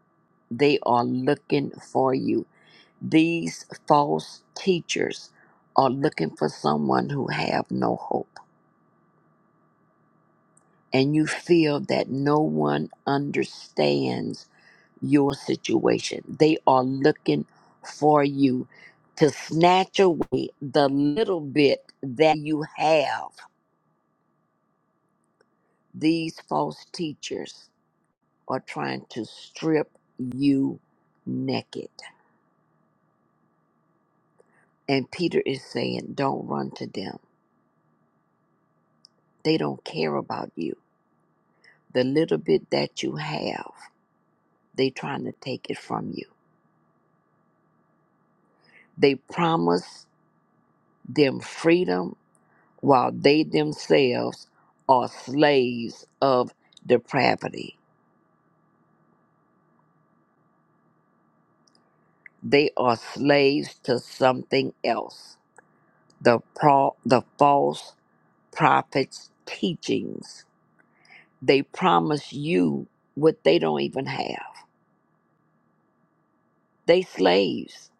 Speaker 7: They are looking for you. These false teachers are looking for someone who have no hope. And you feel that no one understands your situation. They are looking for you to snatch away the little bit that you have. These false teachers are trying to strip you naked. And Peter is saying, don't run to them. They don't care about you. The little bit that you have, they trying to take it from you. They promise them freedom while they themselves are slaves of depravity. They are slaves to something else. The, pro- the false prophets' teachings. They promise you what they don't even have. They slaves.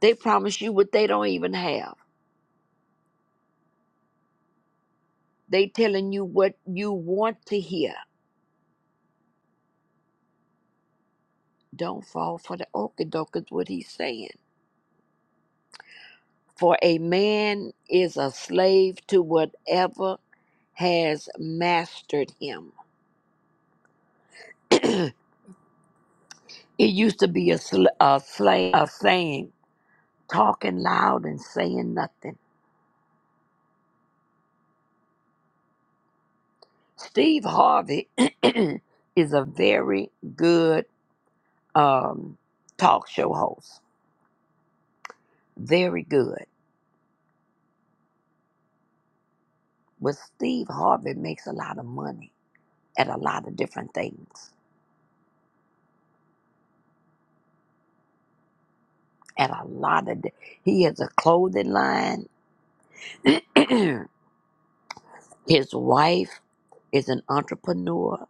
Speaker 7: They promise you what they don't even have. They telling you what you want to hear. Don't fall for the okey-doke is what he's saying. For a man is a slave to whatever has mastered him. it used to be a, sl- a, slang, a saying, talking loud and saying nothing. Steve Harvey is a very good um, talk show host, very good. But Steve Harvey makes a lot of money at a lot of different things. At a lot of, di- he has a clothing line. His wife is an entrepreneur.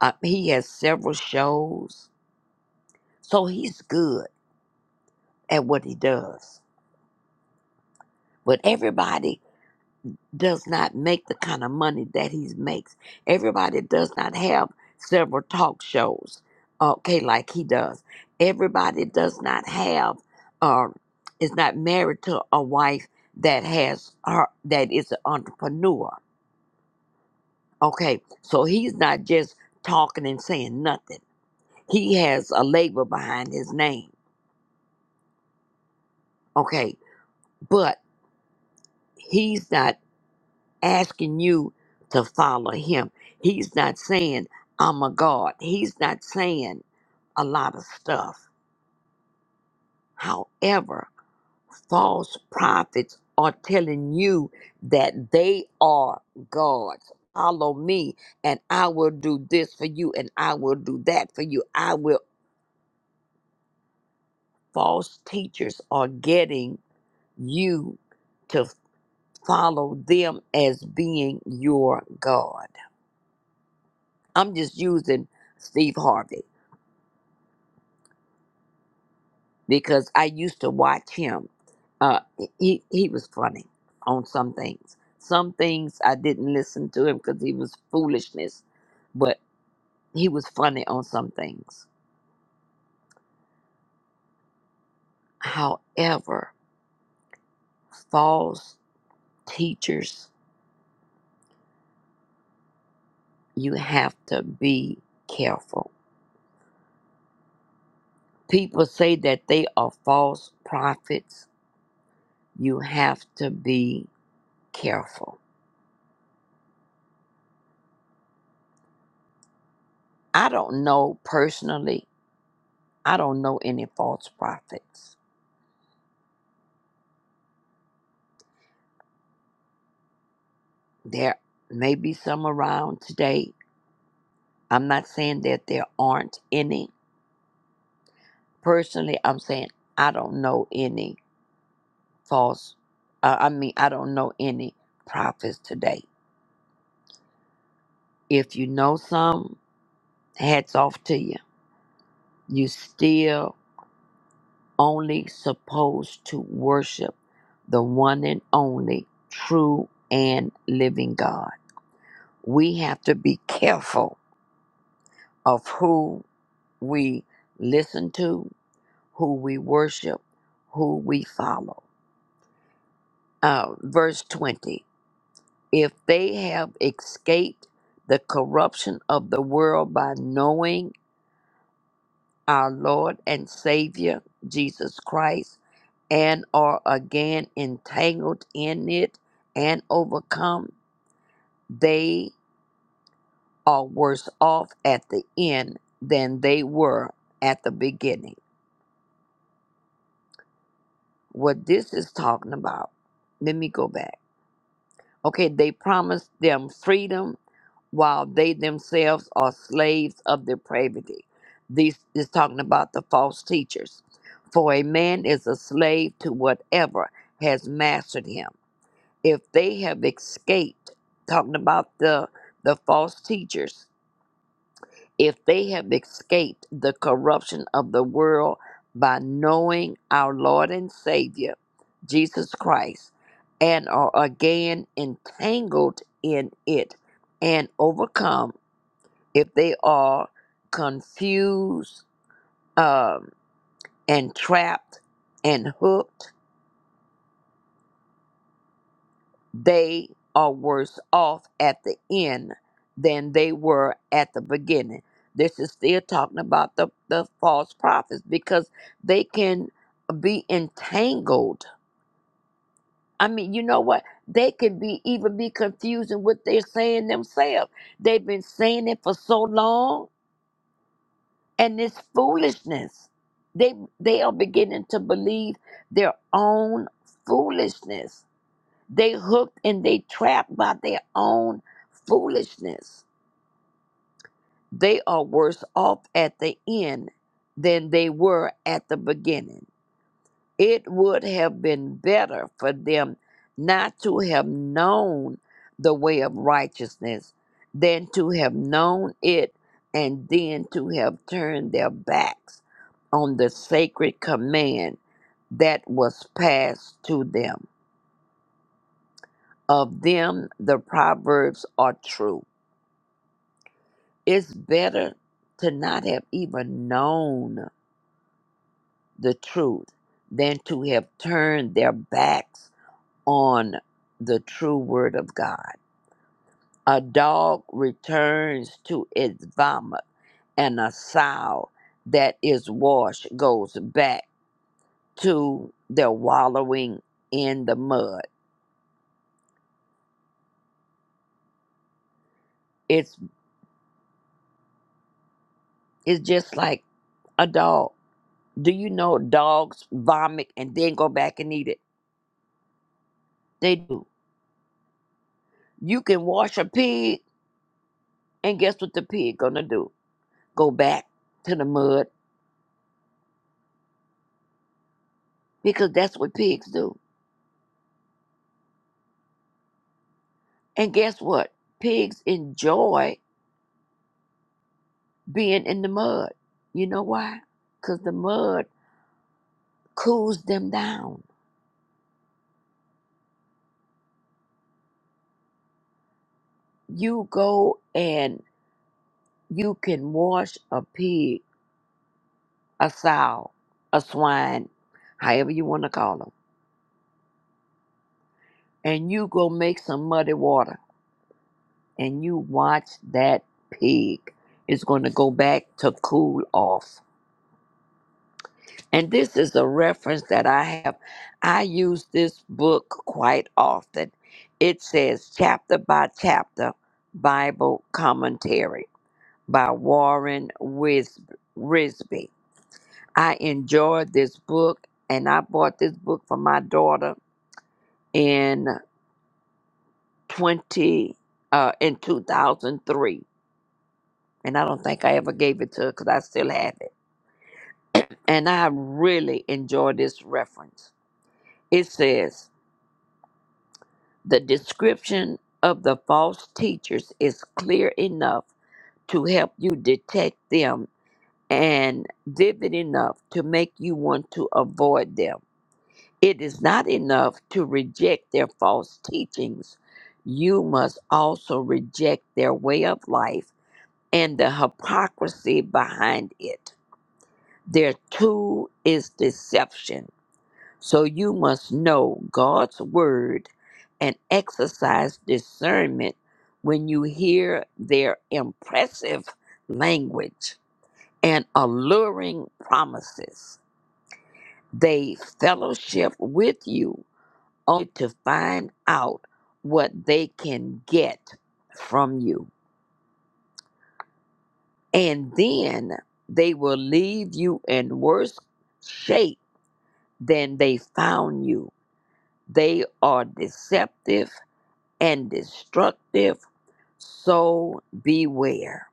Speaker 7: Uh, he has several shows. So he's good at what he does. But everybody does not make the kind of money that he makes. Everybody does not have several talk shows, okay, like he does. Everybody does not have, uh, is not married to a wife that has her, that is an entrepreneur, okay? So he's not just talking and saying nothing. He has a label behind his name, okay? But he's not asking you to follow him. He's not saying, I'm a God. He's not saying a lot of stuff. However, false prophets are telling you that they are gods. Follow me, and I will do this for you, and I will do that for you. I will. False teachers are getting you to follow them as being your God. I'm just using Steve Harvey because I used to watch him. Uh, he he was funny on some things. Some things I didn't listen to him because he was foolishness, but he was funny on some things. However, false teachers, you have to be careful. People say that they are false prophets. You have to be careful. I don't know personally. I don't know any false prophets There may be some around today. I'm not saying that there aren't any. Personally, I'm saying I don't know any false, uh, I mean, I don't know any prophets today. If you know some, hats off to you. You still only supposed to worship the one and only true and living God. We have to be careful of who we listen to, who we worship, who we follow. Uh, verse 20 If they have escaped the corruption of the world by knowing our Lord and Savior, Jesus Christ, and are again entangled in it and overcome, they are worse off at the end than they were at the beginning. What this is talking about, let me go back. Okay, they promised them freedom while they themselves are slaves of depravity. This is talking about the false teachers. For a man is a slave to whatever has mastered him. If they have escaped, talking about the the false teachers, if they have escaped the corruption of the world by knowing our Lord and Savior, Jesus Christ, and are again entangled in it and overcome if they are confused um, and trapped and hooked, they are worse off at the end than they were at the beginning. This is still talking about the, the false prophets because they can be entangled. I mean, you know what? They can be even be confusing what they're saying themselves. They've been saying it for so long and this foolishness they they are beginning to believe their own foolishness they hooked and they trapped by their own foolishness they are worse off at the end than they were at the beginning it would have been better for them not to have known the way of righteousness than to have known it and then to have turned their backs on the sacred command that was passed to them. Of them, the proverbs are true. It's better to not have even known the truth than to have turned their backs on the true word of God. A dog returns to its vomit, and a sow that is washed goes back to their wallowing in the mud. It's it's just like a dog. Do you know dogs vomit and then go back and eat it? They do. You can wash a pig, and guess what the pig gonna do? Go back to the mud because that's what pigs do. And guess what? Pigs enjoy being in the mud. You know why? Because the mud cools them down. You go and you can wash a pig, a sow, a swine, however you want to call them, and you go make some muddy water and you watch that pig is going to go back to cool off And this is a reference that I have. I use this book quite often. It says chapter by chapter Bible commentary by Warren Wis- Risby. I enjoyed this book and I bought this book for my daughter in 20 uh, in 2003. And I don't think I ever gave it to her because I still have it. And I really enjoy this reference. It says, The description of the false teachers is clear enough to help you detect them and vivid enough to make you want to avoid them. It is not enough to reject their false teachings. You must also reject their way of life and the hypocrisy behind it. Their tool is deception. So you must know God's word and exercise discernment when you hear their impressive language and alluring promises. They fellowship with you only to find out what they can get from you. And then they will leave you in worse shape than they found you. They are deceptive and destructive, so beware.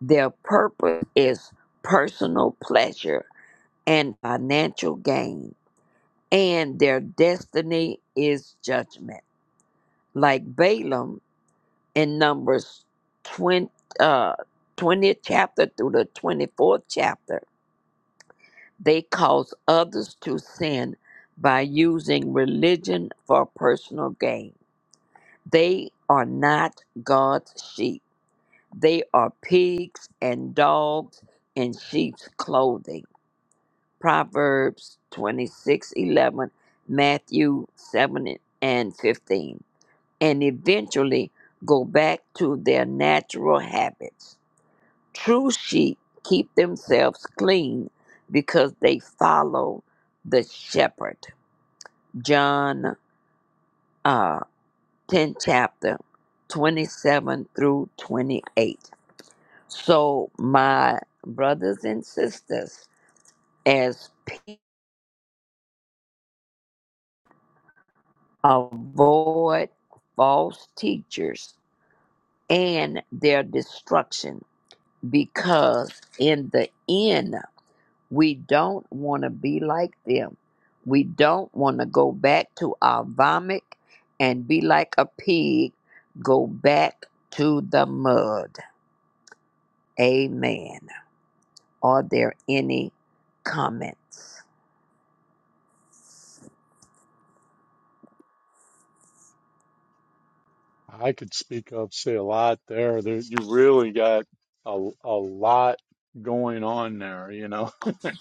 Speaker 7: Their purpose is personal pleasure and financial gain, and their destiny is judgment. Like Balaam in Numbers 20, uh, 20th chapter through the 24th chapter, they cause others to sin by using religion for personal gain. They are not God's sheep They are pigs and dogs in sheep's clothing. Proverbs 26 11, Matthew 7 and 15. And eventually go back to their natural habits. True sheep keep themselves clean because they follow the shepherd. John uh, 10 chapter 27 through 28. So, my brothers and sisters, as people avoid false teachers and their destruction, because in the end, we don't want to be like them. We don't want to go back to our vomit and be like a pig, go back to the mud. Amen. Are there any comments?
Speaker 2: I could speak up, say a lot there. There, you really got a a lot going on there. You know,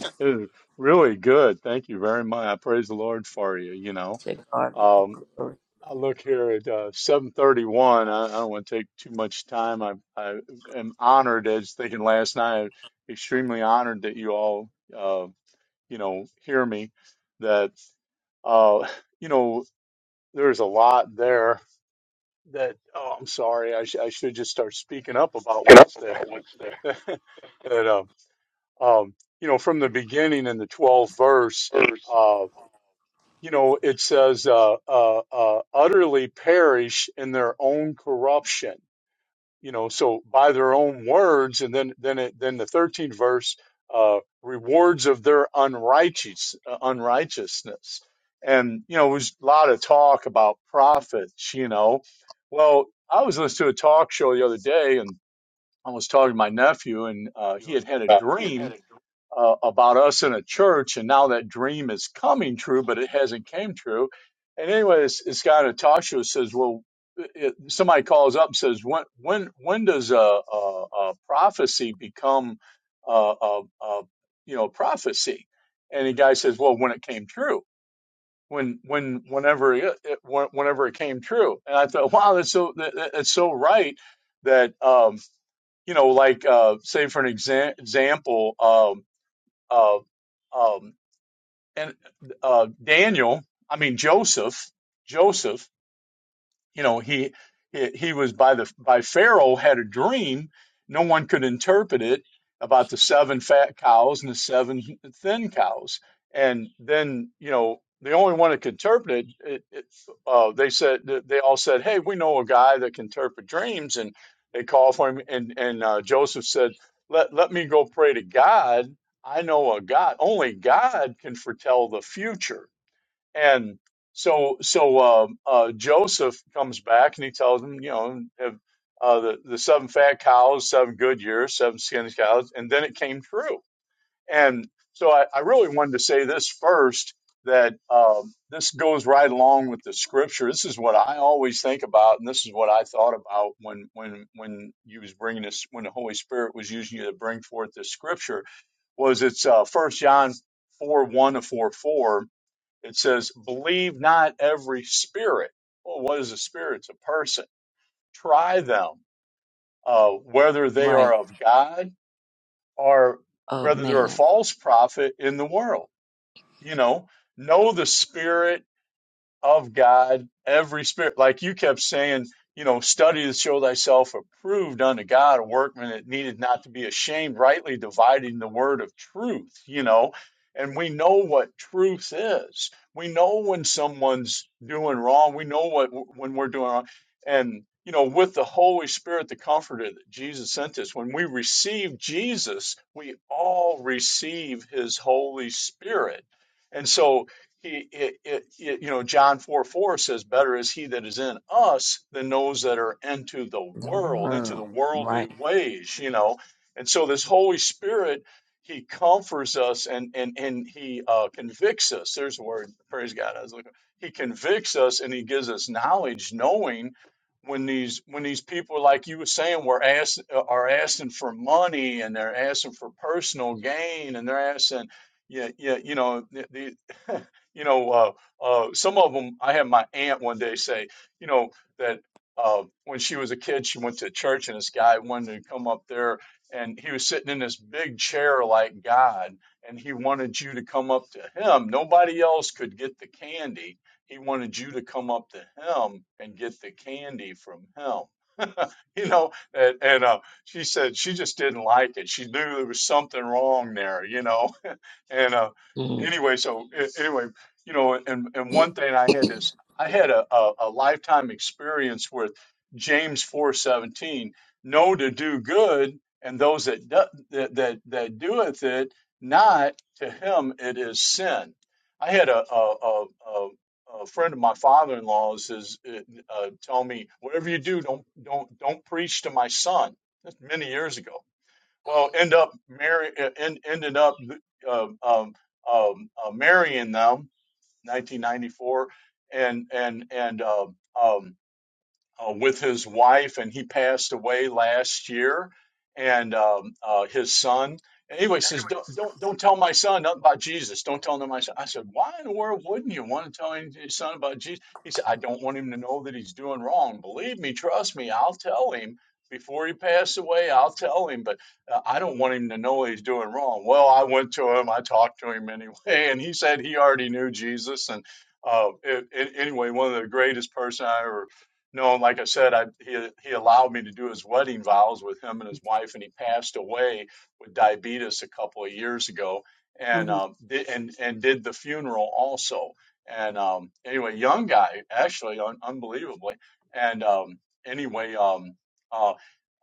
Speaker 2: it is really good. Thank you very much. I praise the Lord for you. You know,
Speaker 7: To God be the
Speaker 2: um,
Speaker 7: glory.
Speaker 2: I look here at uh, seven thirty one. I, I don't want to take too much time. I I am honored, as thinking last night, extremely honored that you all, uh, you know, hear me. That, uh, you know, there's a lot there that oh i'm sorry i, sh- I should just start speaking up about what's there that um, um you know from the beginning in the 12th verse uh you know it says uh, uh uh utterly perish in their own corruption you know so by their own words and then then it, then the 13th verse uh rewards of their unrighteous uh, unrighteousness and you know there's a lot of talk about prophets you know well i was listening to a talk show the other day and i was talking to my nephew and uh, he had had a dream uh, about us in a church, and now that dream is coming true, but it hasn't came true. And anyway, this, this guy Natasha says, well, it, somebody calls up and says, when when when does a, a, a prophecy become a, a, a you know prophecy? And the guy says, well, when it came true. When, when, whenever it, it, when- whenever it came true, and I thought, wow, that's so, that, that- that's so right that, um, you know, like, uh, say for an exa- example, um, um, and uh, Daniel, I mean Joseph, Joseph you know he he was by the by pharaoh had a dream no one could interpret it about the seven fat cows and the seven thin cows and then you know the only one that could interpret it, it, it uh, they said they all said hey we know a guy that can interpret dreams and they called for him and and uh, joseph said let let me go pray to god i know a god only god can foretell the future and so, so um, uh, Joseph comes back and he tells them, you know, have, uh, the the seven fat cows, seven good years, seven skinny cows, and then it came true. And so, I, I really wanted to say this first that um, this goes right along with the scripture. This is what I always think about, and this is what I thought about when when when you was bringing this, when the Holy Spirit was using you to bring forth this scripture, was it's uh, First John four one to four four it says, believe not every spirit. Well, what is a spirit? It's a person. Try them, uh, whether they are
Speaker 7: Right.
Speaker 2: of God or
Speaker 7: of
Speaker 2: whether they're a
Speaker 7: man,
Speaker 2: false prophet in the world. You know, know the spirit of God, every spirit. Like you kept saying, you know, study to show thyself approved unto God, a workman that needed not to be ashamed, rightly dividing the word of truth, you know. And we know what truth is. We know when someone's doing wrong. We know what when we're doing wrong. And you know, with the Holy Spirit, the Comforter that Jesus sent us, when we receive Jesus, we all receive His Holy Spirit. And so he, it, it, it- you know, John 4 4 says, Better is he that is in us than those that are into the
Speaker 7: the
Speaker 2: world, into
Speaker 7: world,
Speaker 2: the worldly
Speaker 7: right?
Speaker 2: ways, you know. And so this Holy Spirit, he comforts us and, and, and he uh, convicts us. There's a word, praise God. I was looking. He convicts us and he gives us knowledge, knowing when these when these people like you were saying were asked uh, are asking for money and they're asking for personal gain and they're asking yeah yeah you know the, the You know, uh, uh, some of them, I had my aunt one day say, you know, that uh, when she was a kid, she went to church and this guy wanted to come up there and he was sitting in this big chair like God and he wanted you to come up to him. Nobody else could get the candy. He wanted you to come up to him and get the candy from him. You know, and, and uh, she said she just didn't like it. She knew there was something wrong there, you know and uh,
Speaker 7: Mm.
Speaker 2: anyway, so a- anyway, you know, and and one thing I had
Speaker 7: Good
Speaker 2: this, I had a a, a lifetime experience with James four seventeen, know to do good, and those that do, that, that that doeth it not to him it is sin. I had a a a, a a friend of my father-in-law's is uh, uh, tell me whatever you do don't don't don't preach to my son. That's many years ago well end up marry uh, end, ended up um, um, um, uh, marrying them 1994 and and and uh, um, uh, with his wife, and he passed away last year, and um, uh, his son. Anyway, he says, don't, don't, don't tell my son nothing about Jesus. Don't tell him my son. I said, why in the world wouldn't you want to tell your son about Jesus? He said, I don't want him to know that he's doing wrong. Believe me, trust me, I'll tell him before he passed away. I'll tell him, but uh, I don't want him to know he's doing wrong. Well, I went to him, I talked to him anyway, and he said he already knew Jesus. And uh, it, it, anyway, one of the greatest person I ever no, like I said, I, he, he allowed me to do his wedding vows with him and his wife, and he passed away with diabetes a couple of years ago, and
Speaker 1: Mhm.
Speaker 2: um, and and did the funeral also. And um, anyway, young guy, actually, un- unbelievably. And um, anyway, um, uh,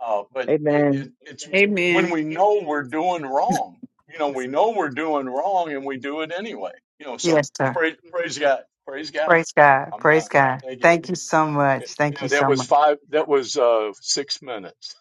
Speaker 2: uh, but it, it,
Speaker 3: Amen.
Speaker 2: it's when
Speaker 1: Amen.
Speaker 2: we know we're doing wrong, you know, we know we're doing wrong, and we do it anyway, you know. So
Speaker 1: Yes, sir.
Speaker 2: praise praise God, praise God.
Speaker 1: Praise God.
Speaker 2: I'm done.
Speaker 1: Praise God.
Speaker 2: Thank you.
Speaker 1: Thank you so
Speaker 2: Yeah,
Speaker 1: much. Thank you
Speaker 2: that
Speaker 1: so
Speaker 2: was
Speaker 1: much.
Speaker 2: five. That was uh, six minutes.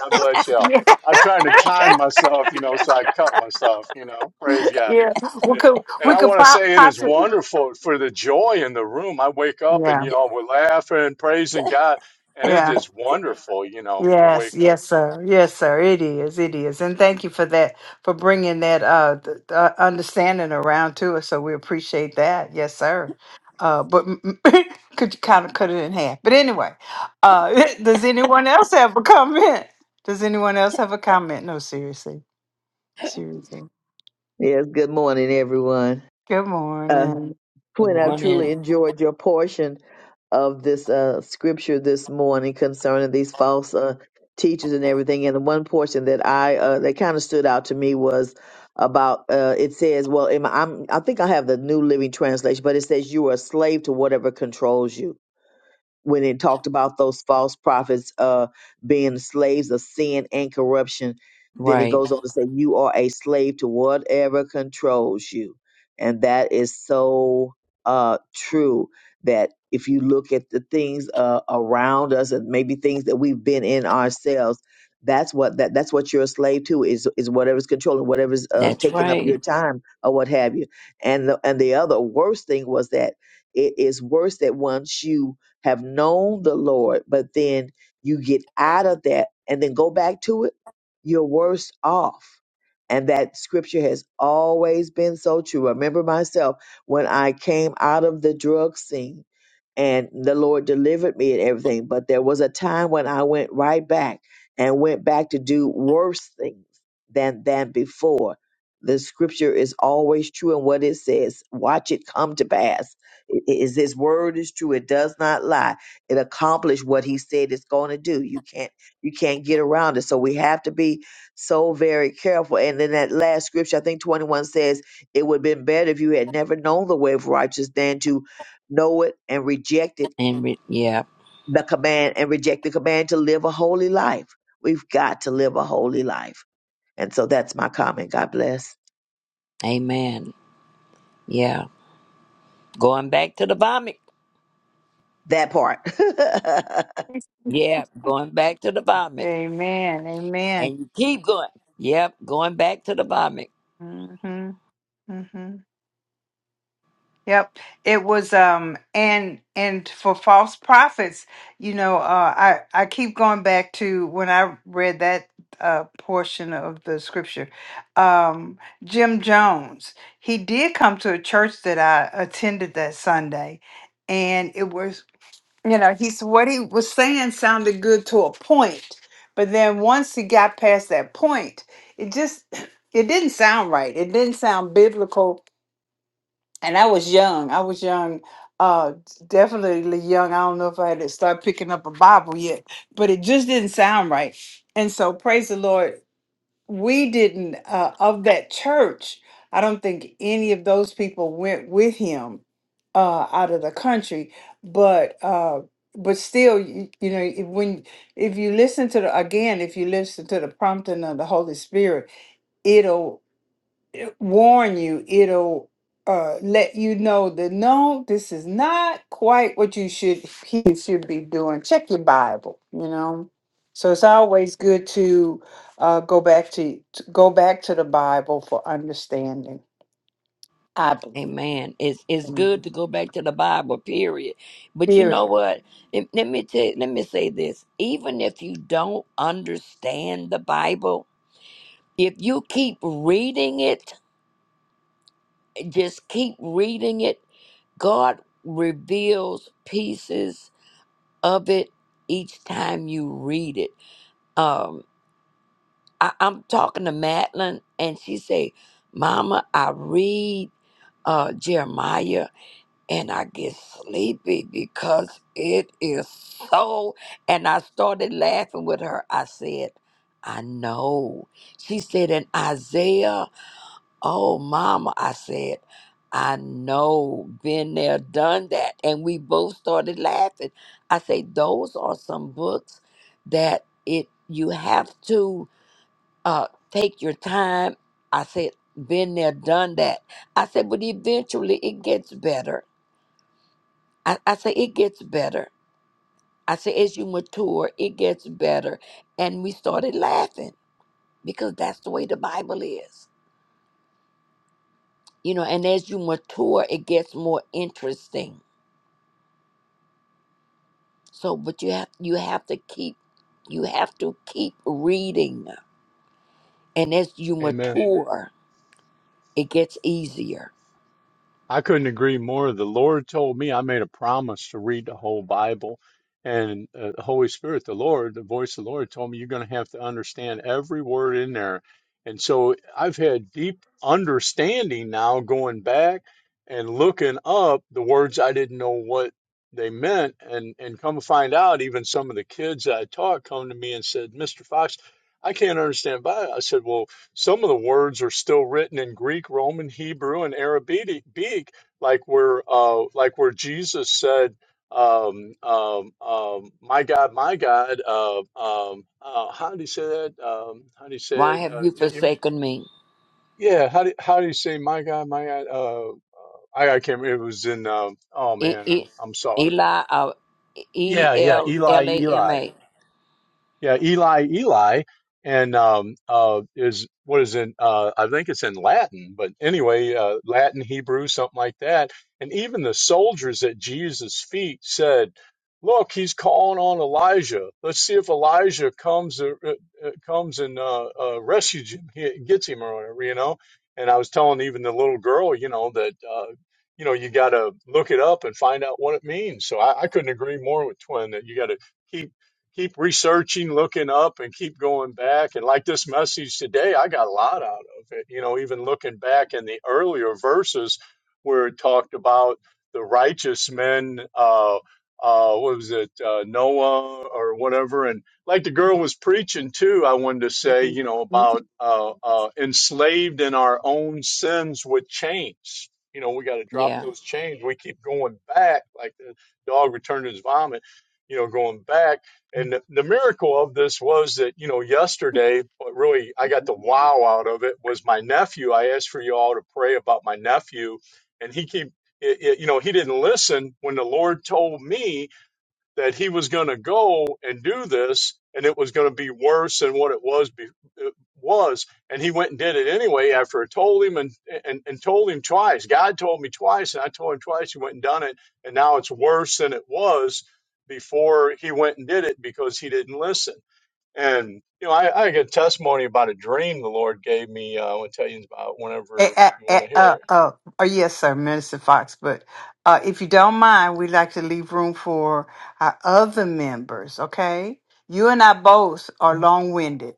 Speaker 2: God bless y'all. I'm
Speaker 1: Yeah.
Speaker 2: trying to time myself, you know, so I cut myself, you know. Praise God.
Speaker 1: Yeah, we could
Speaker 2: And
Speaker 1: we
Speaker 2: I
Speaker 1: could
Speaker 2: want to
Speaker 1: po-
Speaker 2: say it is
Speaker 1: possibly.
Speaker 2: wonderful for the joy in the room. I wake up and
Speaker 1: Yeah,
Speaker 2: y'all were laughing, praising God, and it
Speaker 1: yeah,
Speaker 2: is wonderful, you know, to
Speaker 1: yes,
Speaker 2: wake up.
Speaker 1: yes, sir, yes, sir. It is, it is, and thank you for that for bringing that uh, th- uh understanding around to us. So we appreciate that. Yes, sir. Uh, but m- m- could you kind of cut it in half? But anyway, uh, does anyone else have a comment? Does anyone else have a comment? No, seriously, seriously.
Speaker 3: Yes. Good morning, everyone.
Speaker 1: Good
Speaker 3: Uh,
Speaker 1: morning.
Speaker 3: Quinn, I've
Speaker 7: morning,
Speaker 3: truly enjoyed your portion of this uh, scripture this morning concerning these false uh, teachers and everything. And the one portion that I uh, that kind of stood out to me was about uh, it says, well, am I, I'm, I think I have the New Living Translation, but it says you are a slave to whatever controls you when it talked about those false prophets uh, being slaves of sin and corruption, then it
Speaker 7: right?
Speaker 3: goes on to say, You are a slave to whatever controls you. And that is so uh, true that if you look at the things uh, around us and maybe things that we've been in ourselves, that's what that that's what you're a slave to is is whatever's controlling whatever's uh,
Speaker 7: That's
Speaker 3: taking up
Speaker 7: right.
Speaker 3: your time or what have you and the, and the other worst thing was that it is worse that once you have known the Lord, but then you get out of that and then go back to it, you're worse off. And that scripture has always been so true. I remember myself when I came out of the drug scene and the Lord delivered me and everything, but there was a time when I went right back and went back to do worse things than than before. The scripture is always true and what it says, watch it come to pass I- is his word is true it does not lie it accomplished what he said it's going to do you can't you can't get around it so we have to be so very careful and then that last scripture i think 21 says it would have been better if you had never known the way of righteousness than to know it and reject it
Speaker 7: And re- yeah,
Speaker 3: the command and reject the command to live a holy life we've got to live a holy life and so that's my comment god bless
Speaker 7: amen. Yeah, going back to the vomit.
Speaker 3: that part
Speaker 7: Yeah, going back to the vomit,
Speaker 1: Amen. Amen.
Speaker 7: and you keep going. Yep, going back to the vomit.
Speaker 1: hmm hmm Yep, it was um and and for false prophets, you know, uh I I keep going back to when I read that uh portion of the scripture. Um Jim Jones, he did come to a church that I attended that Sunday and it was you know, he's what he was saying sounded good to a point, but then once he got past that point, it just it didn't sound right. It didn't sound biblical and I was young. I was young, uh, definitely young. I don't know if I had to start picking up a Bible yet, but it just didn't sound right. And so, praise the Lord, we didn't uh, of that church. I don't think any of those people went with him uh, out of the country, but uh, but still, you, you know, if- when if you listen to the again, if you listen to the prompting of the Holy Spirit, warn you, it'll uh, let you know that no, this is not quite what you should he should be doing. Check your Bible, you know. So it's always good to uh, go back to, to go back to the Bible for understanding. I believe.
Speaker 7: Amen. It's it's
Speaker 1: Mhm.
Speaker 7: good to go back to the Bible, period. But you
Speaker 1: Here.
Speaker 7: know what? If- let me tell, let me say this. Even if you don't understand the Bible, if you keep reading it Just keep reading it. God reveals pieces of it each time you read it. Um, I, I'm talking to Madeline, and she say, "Mama, I read uh, Jeremiah, and I get sleepy because it is so. And I started laughing with her. I said, I know. She said, in Isaiah. Oh, mama, I said, I know, been there, done that. And we both started laughing. I say, those are some books that it you have to uh, take your time. I said, been there, done that. I said, but eventually it gets better. I, I say, it gets better. I say, as you mature, it gets better. And we started laughing because that's the way the Bible is. You know, and as you mature, it gets more interesting So, but you have you have to keep you have to keep reading, and as you
Speaker 2: Amen.
Speaker 7: mature, it gets easier.
Speaker 2: I couldn't agree more. The Lord told me I made a promise to read the whole Bible, and uh, the Holy Spirit, the Lord, the voice of the Lord told me you're going to have to understand every word in there. And so I've had deep understanding now going back and looking up the words I didn't know what they meant and and come to find out even some of the kids I taught come to me and said, "Mr. Fox, I can't understand Bible." I said, "Well, some of the words are still written in Greek, Roman, Hebrew, and Arabic, like where uh, like where Jesus said, um, um, um, "My God, My God." Uh, um, uh, how do you say that? Um, how do you say
Speaker 7: Why
Speaker 2: it?
Speaker 7: have
Speaker 2: Uh,
Speaker 7: you
Speaker 2: you, you,
Speaker 7: forsaken me?
Speaker 2: yeah, how do how do you say "My God, My God"? Uh, I, I can't remember. It was in. Um, oh
Speaker 7: E-
Speaker 2: man,
Speaker 7: E-
Speaker 2: I'm I'm sorry.
Speaker 7: Eli, uh, E
Speaker 2: Yeah, yeah,
Speaker 7: L L
Speaker 2: Eli,
Speaker 7: A M
Speaker 2: Eli.
Speaker 7: A.
Speaker 2: Yeah, Eli, Eli, and um, uh, is what is in? Uh, I think it's in Latin, but anyway, uh, Latin, Hebrew, something like that. And even the soldiers at Jesus' feet said, "Look, he's calling on Elijah. Let's see if Elijah comes uh, uh, uh, comes and uh, uh, rescues him, he gets him, or whatever." You know. And I was telling even the little girl, you know, that uh, you know you got to look it up and find out what it means. So I, I couldn't agree more with Twin that you got to. keep keep researching, looking up, and keep going back. And like this message today, I got a lot out of it. You know, even looking back in the earlier verses where it talked about the righteous men, uh, uh, what was it, uh, Noah or whatever. And like the girl was preaching too, I wanted to say, you know,
Speaker 1: Mhm.
Speaker 2: about uh, uh, enslaved in our own sins with chains. You know, we got to drop
Speaker 7: Yeah.
Speaker 2: those chains. We keep going back, like the dog returned to his vomit, you know, going back and the miracle of this was that, you know, yesterday, what really I got the wow out of it was my nephew. I asked for you all to pray about my nephew, and he keep, it, it, you know, he didn't listen when the Lord told me that he was going to go and do this and it was going to be worse than what it was be, it was and he went and did it anyway after I told him and, and and told him twice God told me twice and I told him twice he went and done it and now it's worse than it was before he went and did it because he didn't listen and you know I, I get a testimony about a dream the Lord gave me uh, I want to tell you about
Speaker 1: Eh,
Speaker 2: whenever
Speaker 1: eh,
Speaker 2: you
Speaker 1: eh,
Speaker 2: want to hear
Speaker 1: Uh,
Speaker 2: it
Speaker 1: uh, oh, yes, sir, Minister Fox. But uh, if you don't mind, we'd like to leave room for our other members. Okay, you and I both are long-winded,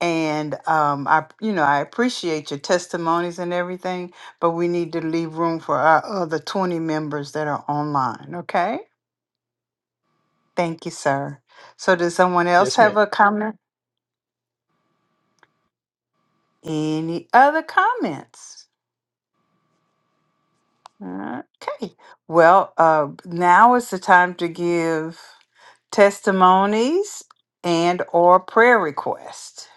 Speaker 1: and um, I, you know, I appreciate your testimonies and everything, but we need to leave room for our other twenty members that are online. Okay, thank you, sir. So, does someone else
Speaker 2: yes
Speaker 1: have
Speaker 2: ma'am
Speaker 1: a comment? Any other comments? Okay. Well, uh, now is the time to give testimonies and or prayer requests.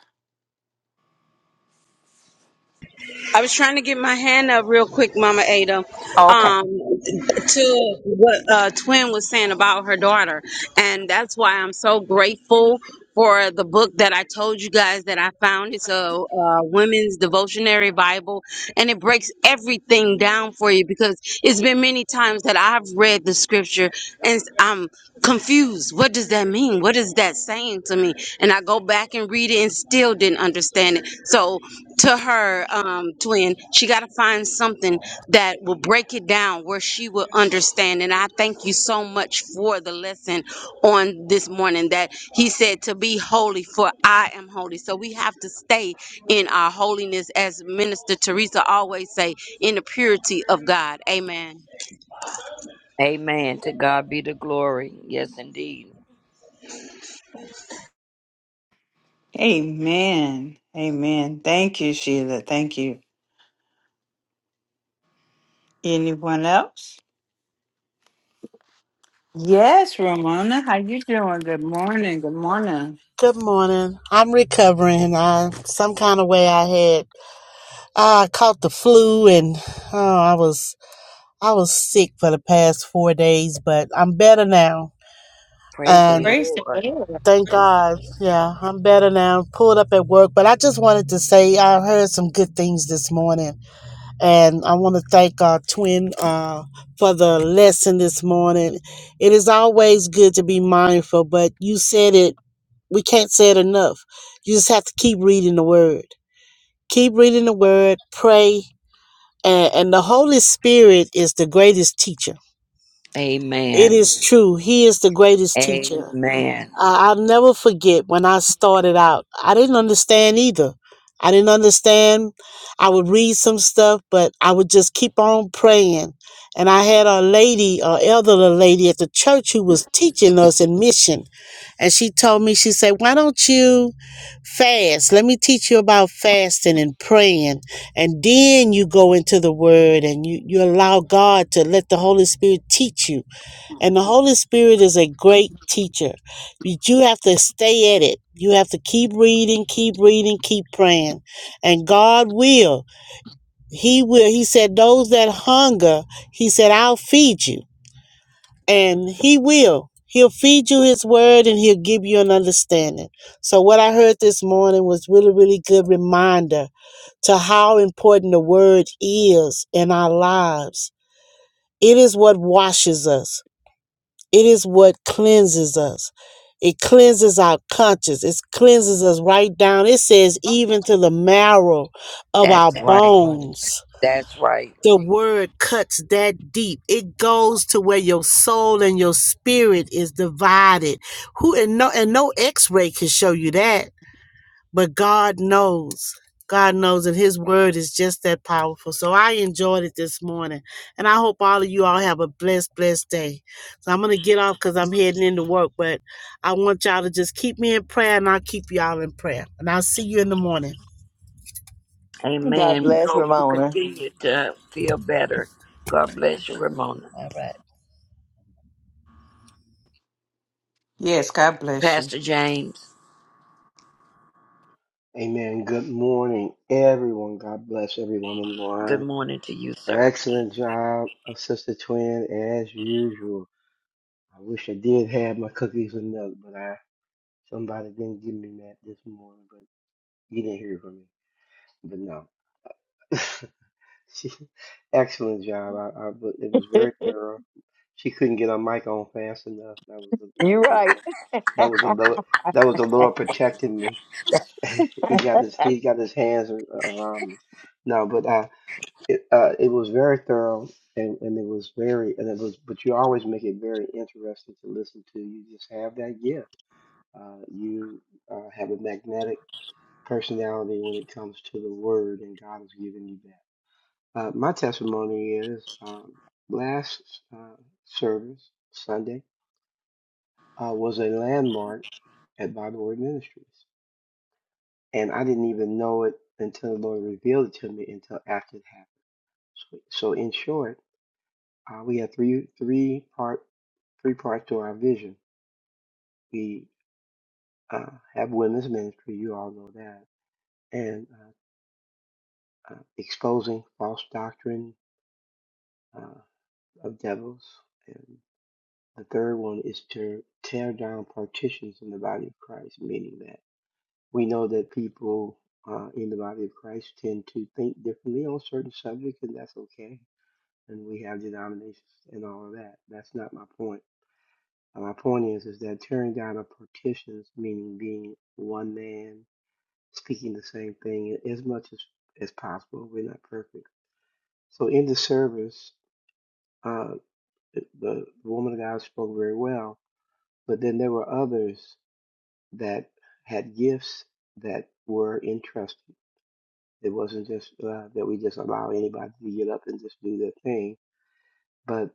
Speaker 8: I was trying to get my hand up real quick, Mama Ada,
Speaker 1: Okay.
Speaker 8: um, to what uh, Twin was saying about her daughter. And that's why I'm so grateful for the book that I told you guys that I found. It's a, uh women's devotionary Bible, and it breaks everything down for you because it's been many times that I've read the scripture and I'm confused. What does that mean? What does that say? was saying to me. And I go back and read it and still didn't understand it. So to her um, twin, she got to find something that will break it down where she will understand. And I thank you so much for the lesson on this morning that he said to be holy, for I am holy. So we have to stay in our holiness, as Minister Teresa always say, in the purity of God. Amen.
Speaker 7: Amen. To God be the glory. Yes, indeed.
Speaker 1: Amen. Amen. Thank you, Sheila. Thank you. Anyone else? Yes, Ramona. How you doing? Good morning. Good morning.
Speaker 9: Good morning. I'm recovering. I, some kind of way I had I caught the flu and oh, I was I was sick for the past four days, but I'm better now.
Speaker 7: Praise the
Speaker 9: And
Speaker 1: Praise the
Speaker 7: Lord.
Speaker 1: Lord.
Speaker 9: thank God, yeah, I'm better now. Pulled up at work, but I just wanted to say I heard some good things this morning, and I want to thank our twin uh, for the lesson this morning. It is always good to be mindful, but you said it we can't say it enough. You just have to keep reading the word. Keep reading the word, pray, and, and the Holy Spirit is the greatest teacher. It
Speaker 7: Amen.
Speaker 9: is true. He is the greatest teacher.
Speaker 7: Amen.
Speaker 9: I, I'll never forget when I started out. I didn't understand either. I didn't understand. I would read some stuff, but I would just keep on praying. And I had a lady, a elderly lady at the church who was teaching us in mission and she told me, she said, Why don't you fast? Let me teach you about fasting and praying. And then you go into the word and you, you allow God to let the Holy Spirit teach you. And the Holy Spirit is a great teacher. You you have to stay at it. You have to keep reading, keep reading, keep praying. And God will. He will. He said, Those that hunger, He said, I'll feed you and he will he'll feed you his word and he'll give you an understanding so what i heard this morning was really really good reminder to how important the word is in our lives it is what washes us it is what cleanses us it cleanses our conscience it cleanses us right down it says even to the marrow of our
Speaker 7: That's right.
Speaker 9: bones
Speaker 7: That's right.
Speaker 9: the word cuts that deep. It goes to where your soul and your spirit is divided. Who and no and no x-ray can show you that, but God knows. God knows and his word is just that powerful. So I enjoyed it this morning. And I hope all of you all have a blessed, blessed day. So I'm gonna get off because I'm heading into work, but I want y'all to just keep me in prayer and I'll keep y'all in prayer. And I'll see you in the morning.
Speaker 3: god
Speaker 7: Amen. We
Speaker 3: bless
Speaker 7: hope you
Speaker 3: ramona
Speaker 7: continue to feel better. God bless you, Ramona.
Speaker 9: All right.
Speaker 1: Yes, God bless you.
Speaker 7: Pastor James,
Speaker 5: Amen. Good morning, everyone. God bless everyone on the
Speaker 7: good
Speaker 5: line.
Speaker 7: morning to you, sir.
Speaker 5: Excellent job, uh, Sister Twin, as usual. I wish I did have my cookies and milk, but I somebody didn't give me that this morning, but you didn't hear from me. But no. She, excellent job. I, I, but it was very thorough. She couldn't get her mic on fast enough. That was the, that
Speaker 3: you're
Speaker 5: was the
Speaker 3: right
Speaker 5: Lord. That was the Lord. That was the Lord protecting me. he got his he got his hands ar- around me. No, but uh, it uh, it was very thorough, and, and it was very and it was. But you always make it very interesting to listen to. You just have that gift. Uh, you uh, have a magnetic personality when it comes to the word, and God has given you that. Uh, my testimony is um, last uh, service, Sunday, uh, was a landmark at Bible Word Ministries. And I didn't even know it until the Lord revealed it to me until after it happened. So, so in short, uh, we have three three part three parts to our vision. We uh, have women's ministry, you all know that, and uh, uh, exposing false doctrine uh, of devils and The third one is to tear down partitions in the body of Christ, meaning that we know that people uh, in the body of Christ tend to think differently on certain subjects, and that's okay. And we have denominations and all of that. That's not my point. Uh, My point is, is that tearing down of partitions, meaning being one man, speaking the same thing as much as, as possible. We're not perfect. So in the service, uh, the the woman of God spoke very well, but then there were others that had gifts that were entrusted. It wasn't just uh, that we just allow anybody to get up and just do their thing. But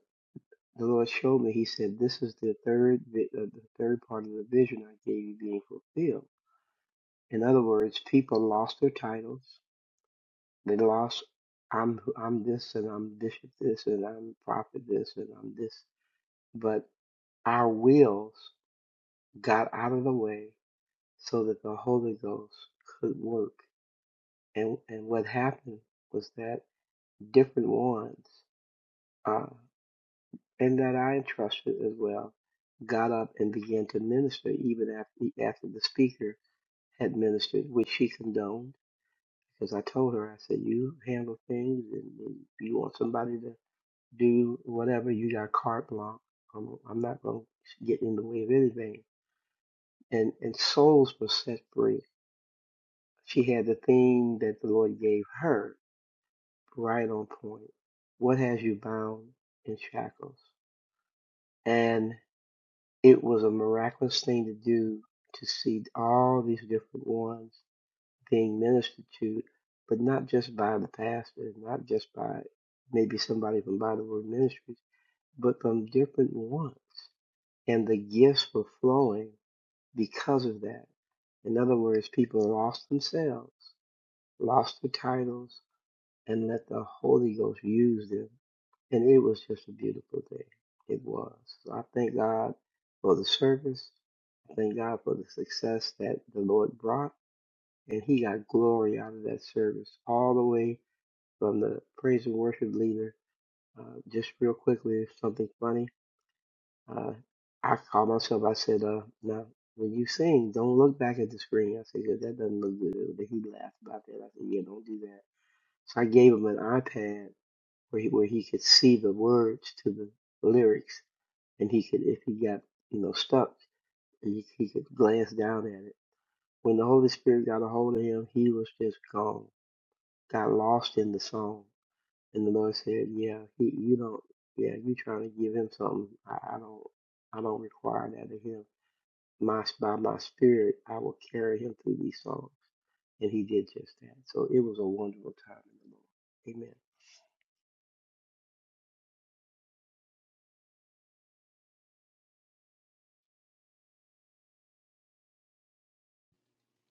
Speaker 5: the Lord showed me. He said, "This is the third, vi- uh, the third part of the vision I gave you being fulfilled." In other words, people lost their titles. They lost, "I'm I'm this and I'm bishop this and I'm prophet this and I'm this." But our wills got out of the way so that the Holy Ghost could work and and what happened was that different ones uh, and that I entrusted as well got up and began to minister even after after the speaker had ministered, which she condoned because I told her I said you handle things and, and if you want somebody to do whatever you got carte blanche. I'm, I'm not going to get in the way of anything. And and souls were set free. She had the thing that the Lord gave her right on point. What has you bound in shackles? And it was a miraculous thing to do to see all these different ones being ministered to, but not just by the pastor, not just by maybe somebody from By the Word Ministries, but from different ones. And the gifts were flowing because of that. In other words, people lost themselves, lost their titles, and let the Holy Ghost use them. And it was just a beautiful day. It was. So I thank God for the service. I thank God for the success that the Lord brought. And He got glory out of that service, all the way from the praise and worship leader. Uh, just real quickly, something funny. Uh, I called myself, I said, uh, now, when you sing, don't look back at the screen. I said, 'Cause that doesn't look good. But he laughed about that. I said, yeah, don't do that. So I gave him an iPad where he, where he could see the words to the lyrics, and he could, if he got you know stuck, he, he could glance down at it. When the Holy Spirit got a hold of him, he was just gone, got lost in the song, and the Lord said, "Yeah, he, you don't, yeah, you trying to give him something? I, I don't, I don't require that of him. My by my Spirit, I will carry him through these songs." and he did just that. So it was a wonderful time in the Lord.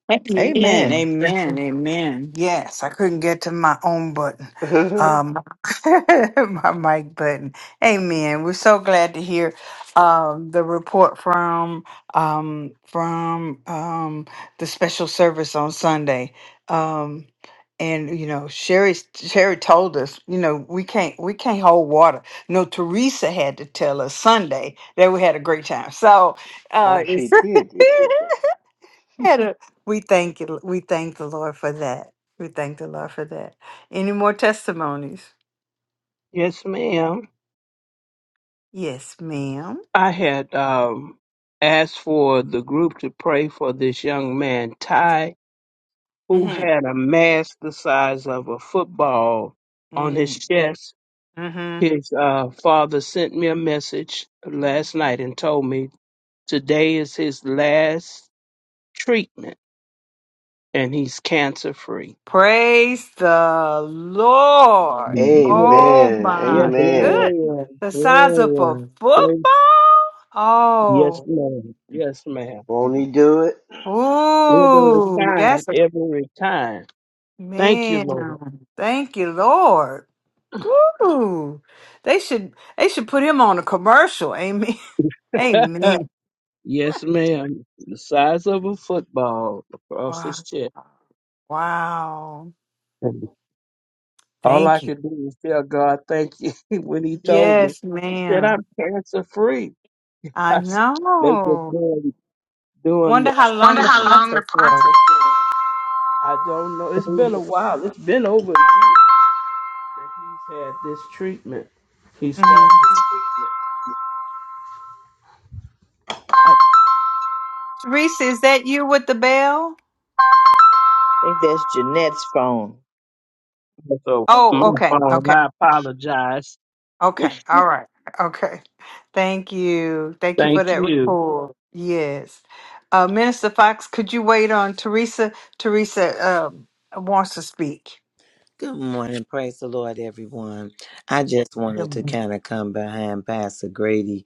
Speaker 1: Amen.
Speaker 3: Amen.
Speaker 1: Amen. Amen. Yes, I couldn't get to my own button.
Speaker 5: Amen.
Speaker 1: Um my mic button. Amen. We're so glad to hear um the report from um from um the special service on Sunday. Um and you know Sherry Sherry told us, you know, we can't we can't hold water. No, Teresa had to tell us Sunday that we had a great time. So
Speaker 5: oh,
Speaker 1: uh
Speaker 5: she
Speaker 1: it's
Speaker 5: did this year.
Speaker 1: had a- we thank you. We thank the Lord for that. We thank the Lord for that. Any more testimonies?
Speaker 4: Yes, ma'am.
Speaker 1: Yes, madam
Speaker 4: I had um, asked for the group to pray for this young man, Ty, who had a mass the size of a football on
Speaker 1: Mm-hmm.
Speaker 4: his chest
Speaker 1: Mm-hmm.
Speaker 4: His uh, father sent me a message last night and told me today is his last treatment and he's cancer free.
Speaker 1: Praise the Lord.
Speaker 4: Lord.
Speaker 1: Oh
Speaker 5: Amen.
Speaker 4: Yes,
Speaker 3: Mhm.
Speaker 1: my
Speaker 5: Amen.
Speaker 1: good.
Speaker 4: Lord.
Speaker 3: Gloria,
Speaker 1: The size of a
Speaker 3: Gloria. I
Speaker 4: Thank-
Speaker 1: football.
Speaker 4: Yes,
Speaker 1: Oh.
Speaker 4: Lord. Yes, ma'am.
Speaker 5: Won't he do it?
Speaker 4: Every
Speaker 1: Ooh,
Speaker 4: time,
Speaker 1: that's a
Speaker 4: every time. Thank you,
Speaker 1: man.
Speaker 4: Lord.
Speaker 1: Thank you, Lord. Ooh. They should they should put him on a commercial. Amen. Amen.
Speaker 4: yes, ma'am. The size of a football across
Speaker 1: Wow.
Speaker 4: his chest.
Speaker 1: Wow.
Speaker 4: And all I
Speaker 1: Thank you.
Speaker 4: could do is tell God thank you when he told me
Speaker 1: Yes,
Speaker 4: that
Speaker 1: ma'am.
Speaker 4: I'm cancer free.
Speaker 1: I
Speaker 4: they just
Speaker 1: know.
Speaker 4: doing, doing the
Speaker 1: Wonder how
Speaker 4: Wonder
Speaker 1: long the
Speaker 4: how treatment. long.
Speaker 1: process was.
Speaker 4: I don't know. It's been a while. It's been over a year that he's had this treatment. He started
Speaker 1: Mm-hmm.
Speaker 4: this
Speaker 1: Teresa, is that you with the bell?
Speaker 3: think that's Jeanette's phone.
Speaker 4: treatment. So my
Speaker 1: Oh, okay.
Speaker 4: phone,
Speaker 1: Okay.
Speaker 4: I apologize.
Speaker 1: Okay. All right. Okay. Thank you. Thank you for
Speaker 4: Thank
Speaker 1: that
Speaker 4: you.
Speaker 1: report. Yes. Uh, Minister Fox, could you wait on Teresa? Teresa um, wants to speak.
Speaker 6: Good morning. Praise the Lord, everyone. I just wanted to kind of come behind Pastor Grady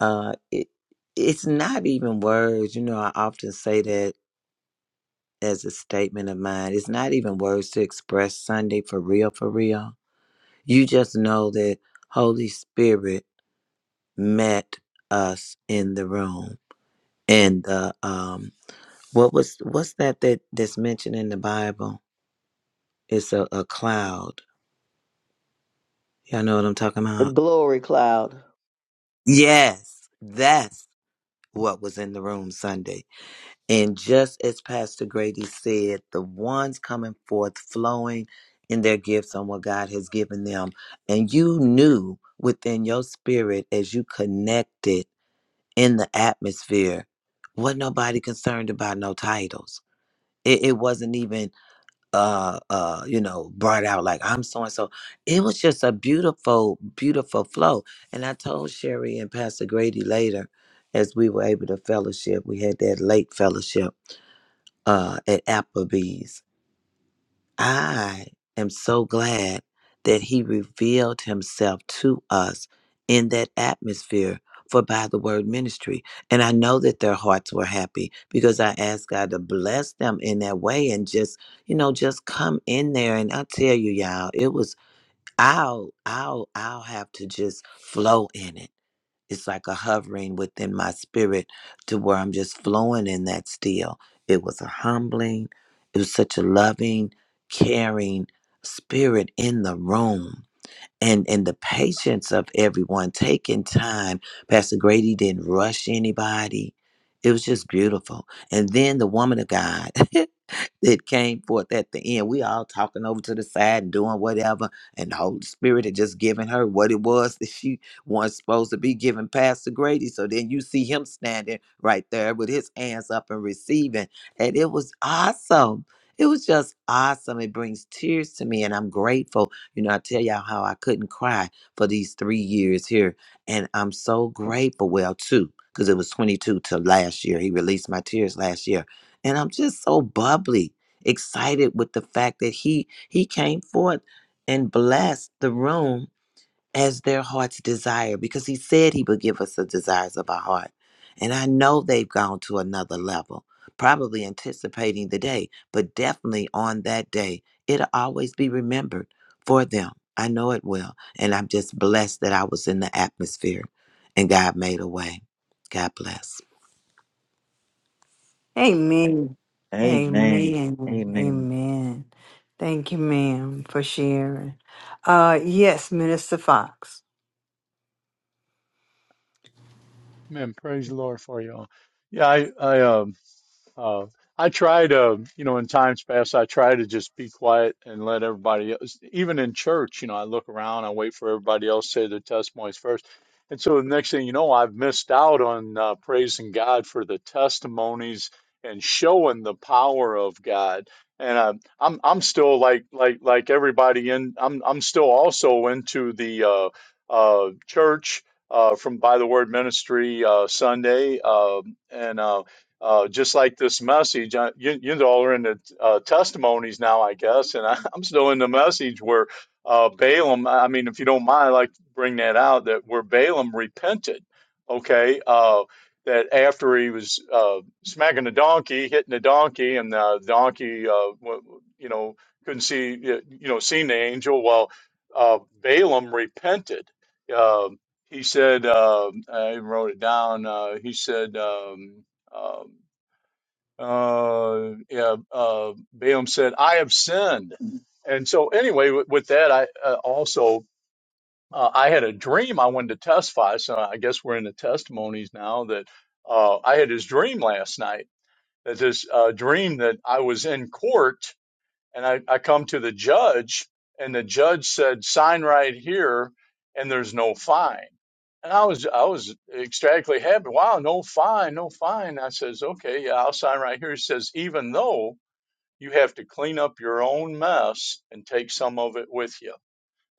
Speaker 6: Uh, it it's not even words. You know, I often say that as a statement of mine. It's not even words to express Sunday for real, for real. You just know that Holy Spirit met us in the room. And the um, what was what's that that that's mentioned in the Bible? It's a, a cloud. Y'all know what I'm talking
Speaker 3: The
Speaker 6: about?
Speaker 3: glory cloud.
Speaker 6: Yes, that's what was in the room Sunday And just as Pastor Grady said, the ones coming forth flowing in their gifts on what God has given them. And you knew within your spirit as you connected in the atmosphere, wasn't nobody concerned about no titles. It, it wasn't even uh uh you know brought out like I'm so and so. It was just a beautiful, beautiful flow. And I told Sherry and Pastor Grady later as we were able to fellowship, we had that late fellowship uh, at Applebee's. I am so glad that he revealed himself to us in that atmosphere for by the word ministry. And I know that their hearts were happy because I asked God to bless them in that way and just, you know, just come in there. And I tell you, y'all, it was, I'll, I'll, I'll have to just flow in it it's like a hovering within my spirit to where I'm just flowing in that still. It was a humbling, it was such a loving, caring spirit in the room. And, and the patience of everyone taking time. Pastor Grady didn't rush anybody. It was just beautiful. And then the woman of God, that came forth at the end. We all talking over to the side, doing whatever, and the Holy Spirit had just giving her what it was that she was supposed to be giving Pastor Grady. So then you see him standing right there with his hands up and receiving. And it was awesome. It was just awesome. It brings tears to me, and I'm grateful. You know, I tell y'all how I couldn't cry for these three years here, and I'm so grateful. Well, too, because it was 22 to last year. He released my tears last year and I'm just so bubbly, excited with the fact that he he came forth and blessed the room as their heart's desire because he said he would give us the desires of our heart. And I know they've gone to another level, probably anticipating the day, but definitely on that day, it'll always be remembered for them. I know it will. And I'm just blessed that I was in the atmosphere and God made a way. God bless.
Speaker 1: Amen.
Speaker 3: Amen.
Speaker 1: Amen.
Speaker 3: Amen.
Speaker 1: Amen. Thank you, ma'am, for sharing. Uh yes, Minister Fox.
Speaker 2: Amen. praise the Lord for you all yeah I I um Uh, I try to, you know, in times past, I try to just be quiet and let everybody else, even in church, you know, I look around, I wait for everybody else to say their testimonies first. And so the next thing you know, I've missed out on uh, praising God for the testimonies and showing the power of God. And uh, I'm I'm still like like like everybody in I'm I'm still also into the uh, uh, church uh, from By the Word Ministry uh, Sunday uh, and uh, uh, just like this message, I, you, you all are in the uh, testimonies now, I guess, and I, I'm still in the message where uh, Balaam, I mean, if you don't mind, I'd like to bring that out that where Balaam repented, okay, uh, that after he was uh, smacking the donkey, hitting the donkey, and the donkey, uh, wa- you know, couldn't see, you know, seen the angel, well, uh, Balaam repented. Um he said, uh, I wrote it down, uh, he said, um, um, uh, yeah, uh, Balaam said, I have sinned. And so, anyway, with, with that, I uh, also. Uh, I had a dream I wanted to testify, so I guess we're in the testimonies now. That uh, I had this dream last night. That this uh, dream that I was in court and I, I come to the judge and the judge said sign right here and there's no fine and i was i was ecstatically happy wow no fine no fine i says okay yeah i'll sign right here he says even though you have to clean up your own mess and take some of it with you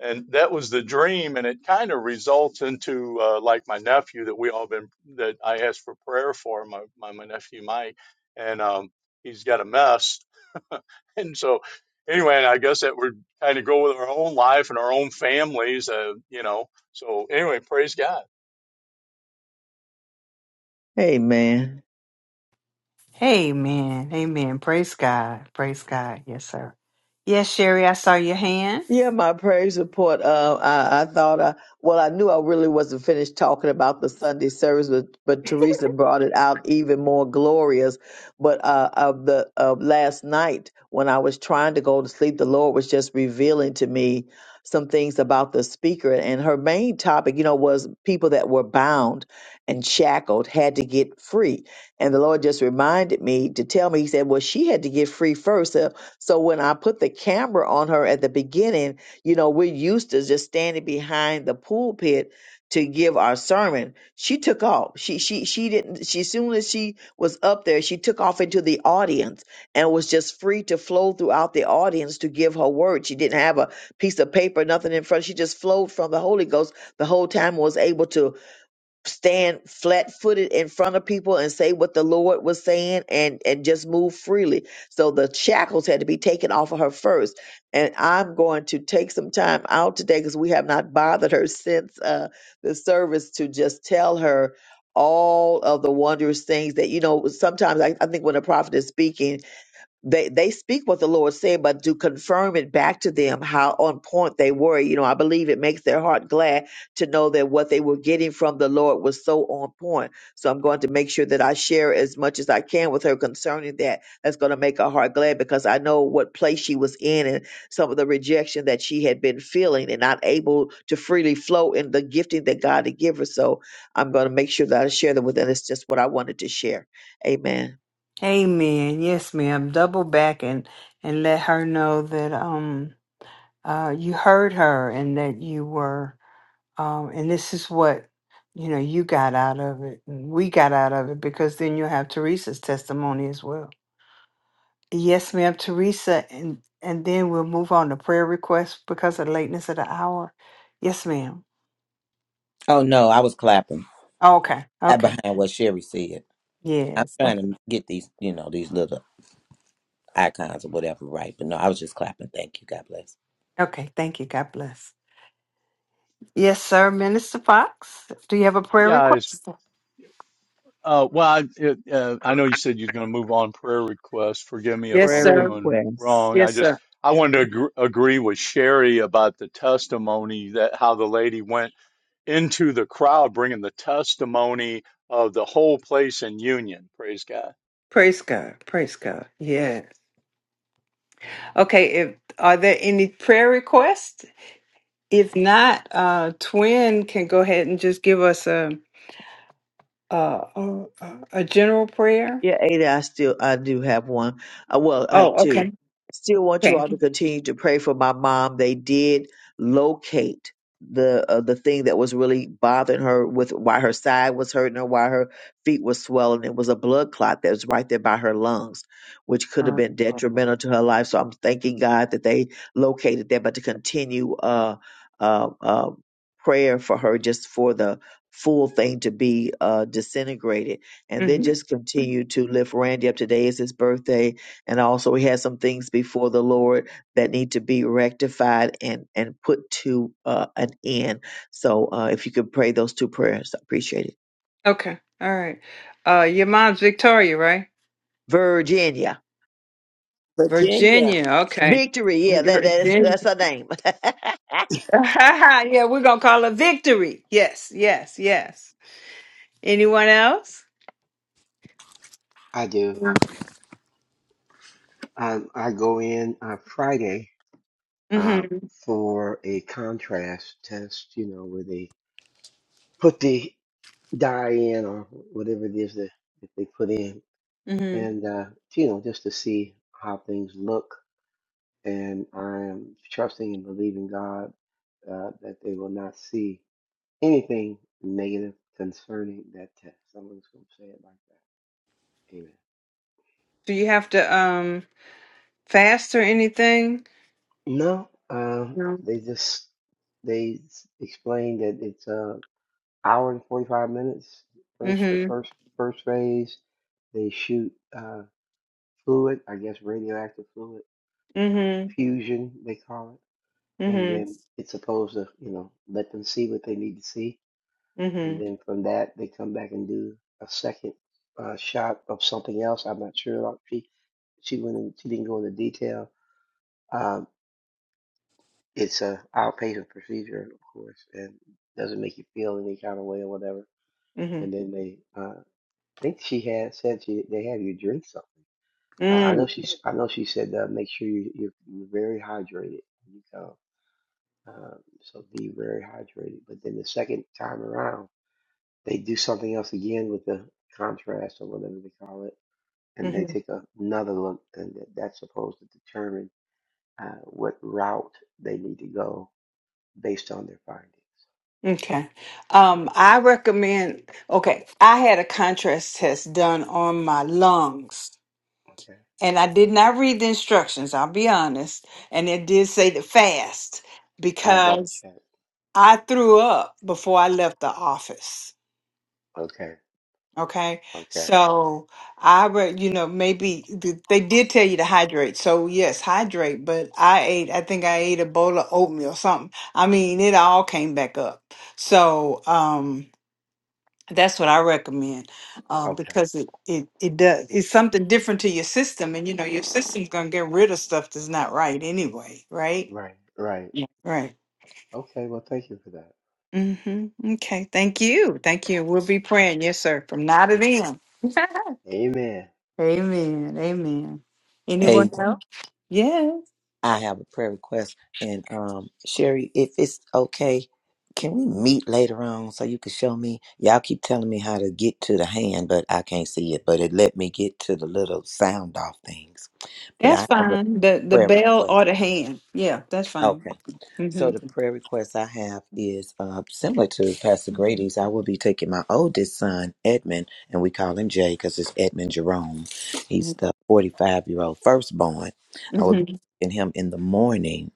Speaker 2: and that was the dream and it kind of results into uh, like my nephew that we all been that i asked for prayer for my, my, my nephew mike and um, he's got a mess and so anyway and i guess that would kind of go with our own life and our own families uh, you know so anyway praise god
Speaker 3: Amen.
Speaker 1: Amen. Amen. Praise God. Praise God. Yes, sir. Yes, Sherry, I saw your hand.
Speaker 3: Yeah, my praise report. Uh, I, I thought, I, well, I knew I really wasn't finished talking about the Sunday service, but, but Teresa brought it out even more glorious. But uh, of the of last night, when I was trying to go to sleep, the Lord was just revealing to me some things about the speaker, and her main topic, you know, was people that were bound and shackled had to get free. And the Lord just reminded me to tell me, He said, well, she had to get free first. uh, so when I put the camera on her at the beginning, you know, we're used to just standing behind the pulpit to give our sermon. She took off. She she she didn't she soon as she was up there, she took off into the audience and was just free to flow throughout the audience to give her word. She didn't have a piece of paper, nothing in front. She just flowed from the Holy Ghost the whole time and was able to stand flat footed in front of people and say what the Lord was saying and and just move freely. So the shackles had to be taken off of her first. And I'm going to take some time out today because we have not bothered her since uh, the service to just tell her all of the wondrous things that you know sometimes I, I think when a prophet is speaking they they speak what the Lord said, but to confirm it back to them how on point they were. You know, I believe it makes their heart glad to know that what they were getting from the Lord was so on point. So I'm going to make sure that I share as much as I can with her concerning that. That's going to make her heart glad because I know what place she was in and some of the rejection that she had been feeling and not able to freely flow in the gifting that God had given her. So I'm going to make sure that I share them with them. It's just what I wanted to share. Amen.
Speaker 1: Amen. Yes, ma'am. Double back and and let her know that um uh you heard her and that you were um and this is what you know you got out of it and we got out of it because then you'll have Teresa's testimony as well. Yes, ma'am, Teresa, and and then we'll move on to prayer requests because of the lateness of the hour. Yes, ma'am.
Speaker 6: Oh no, I was clapping
Speaker 1: Okay,
Speaker 6: at
Speaker 1: okay.
Speaker 6: behind what Sherry said. I'm
Speaker 1: Yes,
Speaker 6: trying
Speaker 1: okay.
Speaker 6: to get these, you know, these little icons or whatever right. But no, I was just clapping. Thank you. God bless.
Speaker 1: Okay, thank you. God bless. Yes, sir. Minister Fox, do you have a prayer
Speaker 2: yeah I
Speaker 1: request?
Speaker 2: Uh, well, I, it, uh, I know you said you're going to move on prayer requests. Forgive me if
Speaker 1: Yes,
Speaker 3: Prayer
Speaker 2: I'm
Speaker 1: sir.
Speaker 2: doing
Speaker 3: requests.
Speaker 2: wrong. I
Speaker 1: Yes,
Speaker 2: just
Speaker 1: sir.
Speaker 2: I wanted to agr agree with Sherry about the testimony that how the lady went into the crowd, bringing the testimony of the whole place in union. Praise God.
Speaker 1: Praise God. Praise God. Yeah. Okay, if are there any prayer requests? If not, uh Twin can go ahead and just give us a a a, a general prayer.
Speaker 3: Yeah, Ada, I still I do have one. Uh, well, I have
Speaker 1: Oh,
Speaker 3: two.
Speaker 1: okay.
Speaker 3: Still want you all to continue to pray for my mom. They did locate the uh, the thing that was really bothering her with why her side was hurting her, why her feet were swelling. It was a blood clot that was right there by her lungs, which could have been
Speaker 1: Okay.
Speaker 3: detrimental to her life. So I'm thanking God that they located that, but to continue uh uh, uh prayer for her just for the full thing to be uh disintegrated and then
Speaker 1: Mhm.
Speaker 3: just continue to lift Randy up. Today is his birthday, and also he has some things before the Lord that need to be rectified and and put to uh, an end. So uh, if you could pray those two prayers, I appreciate it.
Speaker 1: Okay. All right. Uh, your mom's Victoria, right?
Speaker 3: Virginia,
Speaker 7: Virginia.
Speaker 1: Virginia. Okay.
Speaker 3: victory. Yeah, that, that's
Speaker 1: Virginia.
Speaker 3: that's her name.
Speaker 1: yeah, we're gonna call her Victory. Yes, yes, yes. Anyone else?
Speaker 5: I do.
Speaker 1: No.
Speaker 5: I, I go in on Friday uh,
Speaker 1: Mm-hmm.
Speaker 5: for a contrast test, you know, where they put the dye in or whatever it is that, that they put in.
Speaker 1: Mm-hmm.
Speaker 5: And, uh, you know, just to see how things look. And I'm trusting and believing God uh, that they will not see anything negative concerning that test. I'm just going to say it like that. Amen.
Speaker 1: Do you have to um fast or anything?
Speaker 5: No, um,
Speaker 1: No.
Speaker 5: they just they s- explained that it's a hour and forty five minutes. First, the
Speaker 1: Mm-hmm.
Speaker 5: first first phase, they shoot uh, fluid, I guess radioactive fluid, uh,
Speaker 1: Mm-hmm.
Speaker 5: fusion they call it, and then it's supposed to you know let them see what they need to see, and
Speaker 1: Mm-hmm.
Speaker 5: then from that they come back and do a second uh, shot of something else. I'm not sure. like, She she went in, she didn't go into detail, Um, it's a outpatient procedure, of course, and doesn't make you feel any kind of way or whatever.
Speaker 1: Mm-hmm.
Speaker 5: And then they, uh, I think she had said she they have you drink something. Uh, I know
Speaker 1: Mm.
Speaker 5: she, i know she said uh, make sure you, you're, you're very hydrated when you go. Um, so be very hydrated. But then the second time around, they do something else again with the contrast or whatever they call it, and they
Speaker 1: Mm-hmm.
Speaker 5: take a- another look, and that- that's supposed to determine uh, what route they need to go based on their findings.
Speaker 1: Okay. Um,
Speaker 5: Yeah.
Speaker 1: I recommend, okay, I had a contrast test done on my lungs
Speaker 5: Okay.
Speaker 1: and I did not read the instructions, I'll be honest. And it did say to fast
Speaker 5: I'll double
Speaker 1: because
Speaker 5: check.
Speaker 1: I threw up before I left the office.
Speaker 5: Okay.
Speaker 1: Okay.
Speaker 5: Okay.
Speaker 1: So I would, you know, maybe th- they did tell you to hydrate. So yes, hydrate, but I ate, I think I ate a bowl of oatmeal or something. I mean, it all came back up. So, um, that's what I recommend, um,
Speaker 5: Okay.
Speaker 1: because it, it, it does, it's something different to your system and you know, your system's going to get rid of stuff that's not right anyway. Right.
Speaker 5: Right. Right.
Speaker 1: Yeah. Right.
Speaker 5: Okay. Well, thank you for that.
Speaker 1: Mm-hmm. Okay. Thank you. Thank you. We'll be
Speaker 5: Amen.
Speaker 1: praying. Yes, sir. From now to
Speaker 5: Amen.
Speaker 1: then.
Speaker 5: Amen.
Speaker 1: Amen. Amen. Anyone
Speaker 6: Hey,
Speaker 1: else? Yeah,
Speaker 6: I have a prayer request. And um, Sherry, if it's okay, can we meet later on so you can show me? Y'all keep telling me how to get to the hand, but I can't see it. But it let me get to the little sound off things. But
Speaker 1: that's
Speaker 6: I have a
Speaker 1: fine. The the
Speaker 6: prayer
Speaker 1: bell
Speaker 6: request.
Speaker 1: or the hand. Yeah, that's fine.
Speaker 6: Okay. So
Speaker 1: Mm-hmm.
Speaker 6: the prayer request I have is uh, similar to Pastor Grady's. I will be taking my oldest son, Edmund, and we call him Jay because it's Edmund Jerome. He's the 45 year old firstborn. I will be
Speaker 1: Mm-hmm.
Speaker 6: taking him in the morning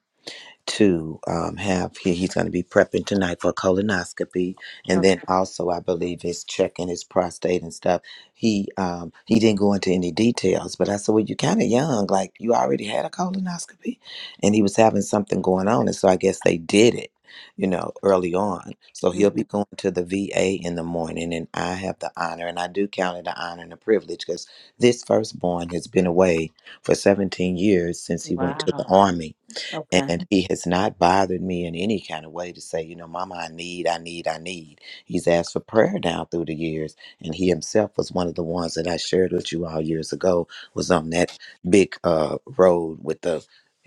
Speaker 6: to um, have he, he's going to be prepping tonight for colonoscopy and
Speaker 1: Okay.
Speaker 6: then also i believe is checking his prostate and stuff he um, he didn't go into any details but i said well you're kind of young like you already had a colonoscopy and he was having something going on and so i guess they did it you know early on so he'll
Speaker 1: hmm
Speaker 6: be going to the va in the morning and i have the honor and i do count it an honor and a privilege because this firstborn has been away for 17 years since he went to the
Speaker 1: Wow.
Speaker 6: army
Speaker 1: Okay.
Speaker 6: and he has not bothered me in any kind of way to say, you know, Mama, I need, I need, I need. He's asked for prayer down through the years. And he himself was one of the ones that I shared with you all years ago, was on that big uh road with the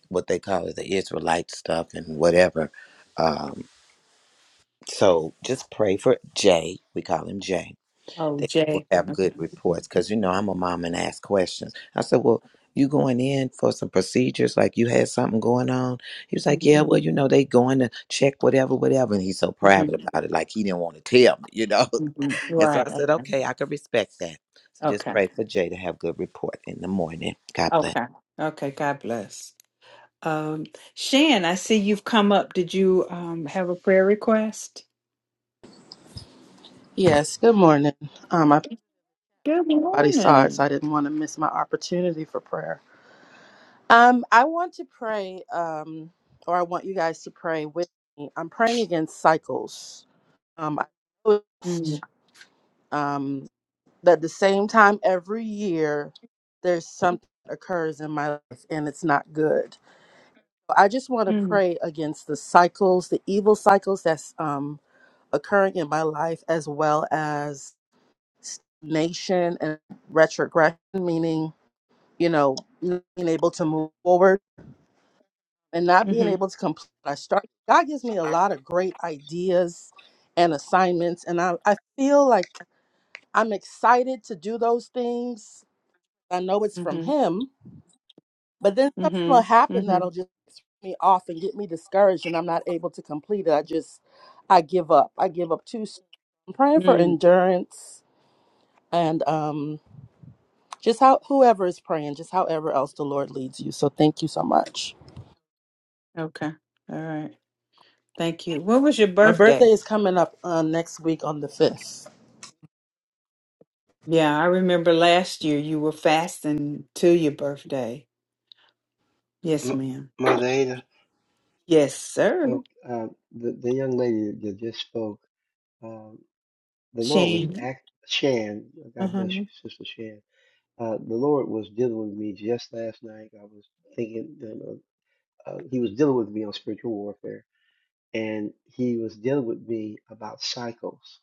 Speaker 6: what they call it, the Israelite stuff and whatever. Um, so just pray for Jay. We call him Jay
Speaker 1: Oh,
Speaker 6: that people
Speaker 1: Jay.
Speaker 6: have good reports. Because, you know, I'm a mom and ask questions. I said, well, you going in for some procedures, like you had something going on? He was like, yeah,
Speaker 1: Mm-hmm.
Speaker 6: well, you know, they going to check whatever, whatever. And he's so
Speaker 1: Mm-hmm.
Speaker 6: private about it, like he didn't want to tell me, you know?
Speaker 1: hmm
Speaker 6: And so
Speaker 1: Right.
Speaker 6: I said,
Speaker 1: Okay.
Speaker 6: okay, I can respect that. So just
Speaker 1: Okay.
Speaker 6: pray for Jay to have good report in the morning. God bless.
Speaker 1: Okay. Okay. God bless. Um, Shan, I see you've come up. Did you um have a prayer request?
Speaker 10: Yes, good morning. Um, I
Speaker 1: Good
Speaker 10: everybody saw it, so
Speaker 1: morning.
Speaker 10: I didn't want to miss my opportunity for prayer. Um, I want to pray, um, or I want you guys to pray with me. I'm praying against cycles. Um, I
Speaker 1: Mm-hmm.
Speaker 10: noticed um, that the same time every year, there's something that occurs in my life, and it's not good. So, I just want to
Speaker 1: Mm-hmm.
Speaker 10: pray against the cycles, the evil cycles that's um, occurring in my life, as well as stagnation and retrogression, meaning, you know, not being able to move forward and not being able to complete what I started. God gives me a lot of great ideas and assignments, and I, I feel like I'm excited to do those things. I know it's from
Speaker 1: Mm-hmm.
Speaker 10: Him, but then something will happen
Speaker 1: Mm-hmm.
Speaker 10: that'll just get me off and get me discouraged, and I'm not able to complete it. I just, I give up. I give up too soon. I'm praying for
Speaker 1: Mm-hmm.
Speaker 10: endurance and um Just how whoever is praying, just however else the Lord leads you. So thank you so much.
Speaker 1: Okay. All right. Thank you. What was your
Speaker 10: My birthday
Speaker 1: birthday?
Speaker 10: is coming up uh, next week on the fifth.
Speaker 1: Yeah, I remember last year you were fasting to your birthday. Yes,
Speaker 5: M-
Speaker 1: ma'am.
Speaker 5: Mother Ada,
Speaker 1: Yes, sir.
Speaker 5: oh, uh, the, the young lady that just spoke, um, the Lord was
Speaker 1: Shane.
Speaker 5: act Shan. God
Speaker 1: Uh-huh.
Speaker 5: bless you, Sister Shan. Uh, the Lord was dealing with me just last night. I was thinking, you know, uh, He was dealing with me on spiritual warfare, and He was dealing with me about cycles.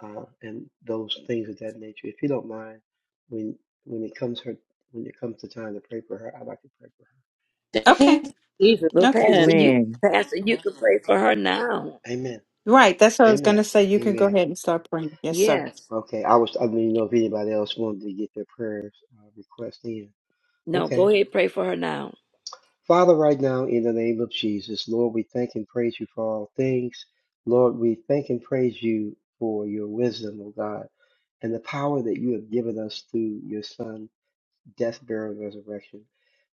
Speaker 5: uh, and those things of that nature. If you don't mind, when when it comes her when it comes to time to pray for her, I'd like to pray for her.
Speaker 10: Thank
Speaker 1: Okay.
Speaker 10: you, Jesus.
Speaker 7: Well,
Speaker 1: Okay.
Speaker 10: Amen.
Speaker 7: Pastor, you
Speaker 3: Amen.
Speaker 7: Pastor, you can pray for her now.
Speaker 5: Amen.
Speaker 1: Right. That's what I was going to
Speaker 5: Amen.
Speaker 1: say. You can go
Speaker 5: Amen.
Speaker 1: ahead and start praying. Yes, sir.
Speaker 7: Yes.
Speaker 5: Okay, I was I didn't know if anybody else wanted to get their prayers uh, request in.
Speaker 7: No, go
Speaker 5: Okay,
Speaker 7: ahead, pray for her now.
Speaker 5: Father, right now in the name of Jesus, Lord, we thank and praise you for all things. Lord, we thank and praise you for your wisdom, oh God, and the power that you have given us through your Son. death, burial, and resurrection.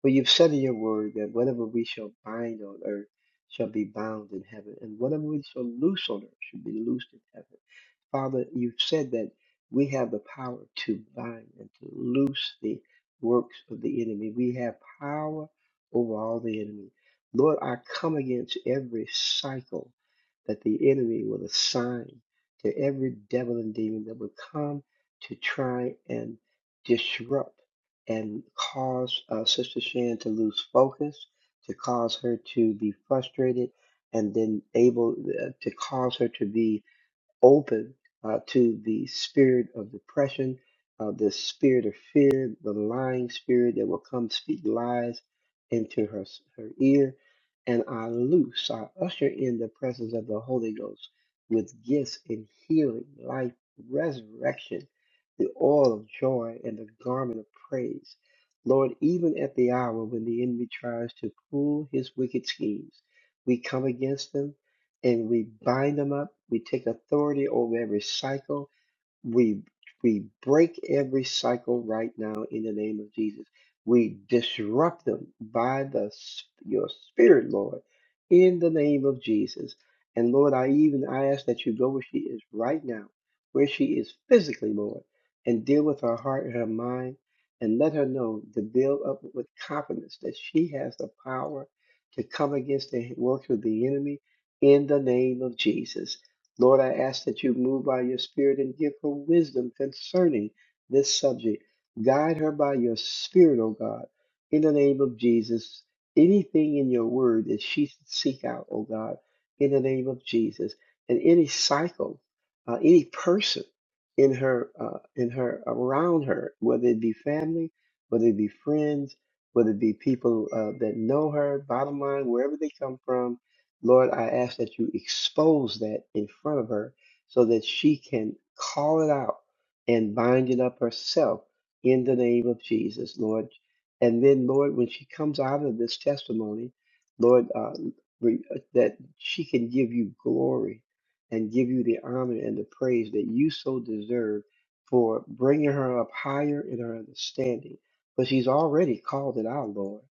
Speaker 5: For you've said in your word that whatever we shall bind on earth shall be bound in heaven, and whatever we shall loose on earth shall be loosed in heaven. Father, you've said that we have the power to bind and to loose the works of the enemy. We have power over all the enemy. Lord, I come against every cycle that the enemy will assign to every devil and demon that will come to try and disrupt and cause uh, Sister Shan to lose focus, to cause her to be frustrated, and then able uh, to cause her to be open uh, to the spirit of depression, uh, the spirit of fear, the lying spirit that will come speak lies into her, her ear. And I loose, I usher in the presence of the Holy Ghost with gifts in healing, life, resurrection, the oil of joy, and the garment of praise. Lord, even at the hour when the enemy tries to pull his wicked schemes, we come against them and we bind them up. We take authority over every cycle we we break every cycle right now in the name of Jesus. We disrupt them by the s- your spirit, Lord, in the name of Jesus. And Lord, I even I ask that you go where she is right now, where she is physically, Lord, and deal with her heart and her mind, and let her know to build up with confidence that she has the power to come against the works of the enemy in the name of Jesus. Lord, I ask that you move by your Spirit and give her wisdom concerning this subject. Guide her by your Spirit, O God, in the name of Jesus. Anything in your word that she should seek out, O God, in the name of Jesus. And any cycle, uh, any person in her, uh, in her, around her, whether it be family, whether it be friends, whether it be people uh, that know her, bottom line, wherever they come from, Lord, I ask that you expose that in front of her so that she can call it out and bind it up herself in the name of Jesus, Lord. And then, Lord, when she comes out of this testimony, Lord, uh, re- that she can give you glory and give you the honor and the praise that you so deserve for bringing her up higher in her understanding. But she's already called it out, Lord.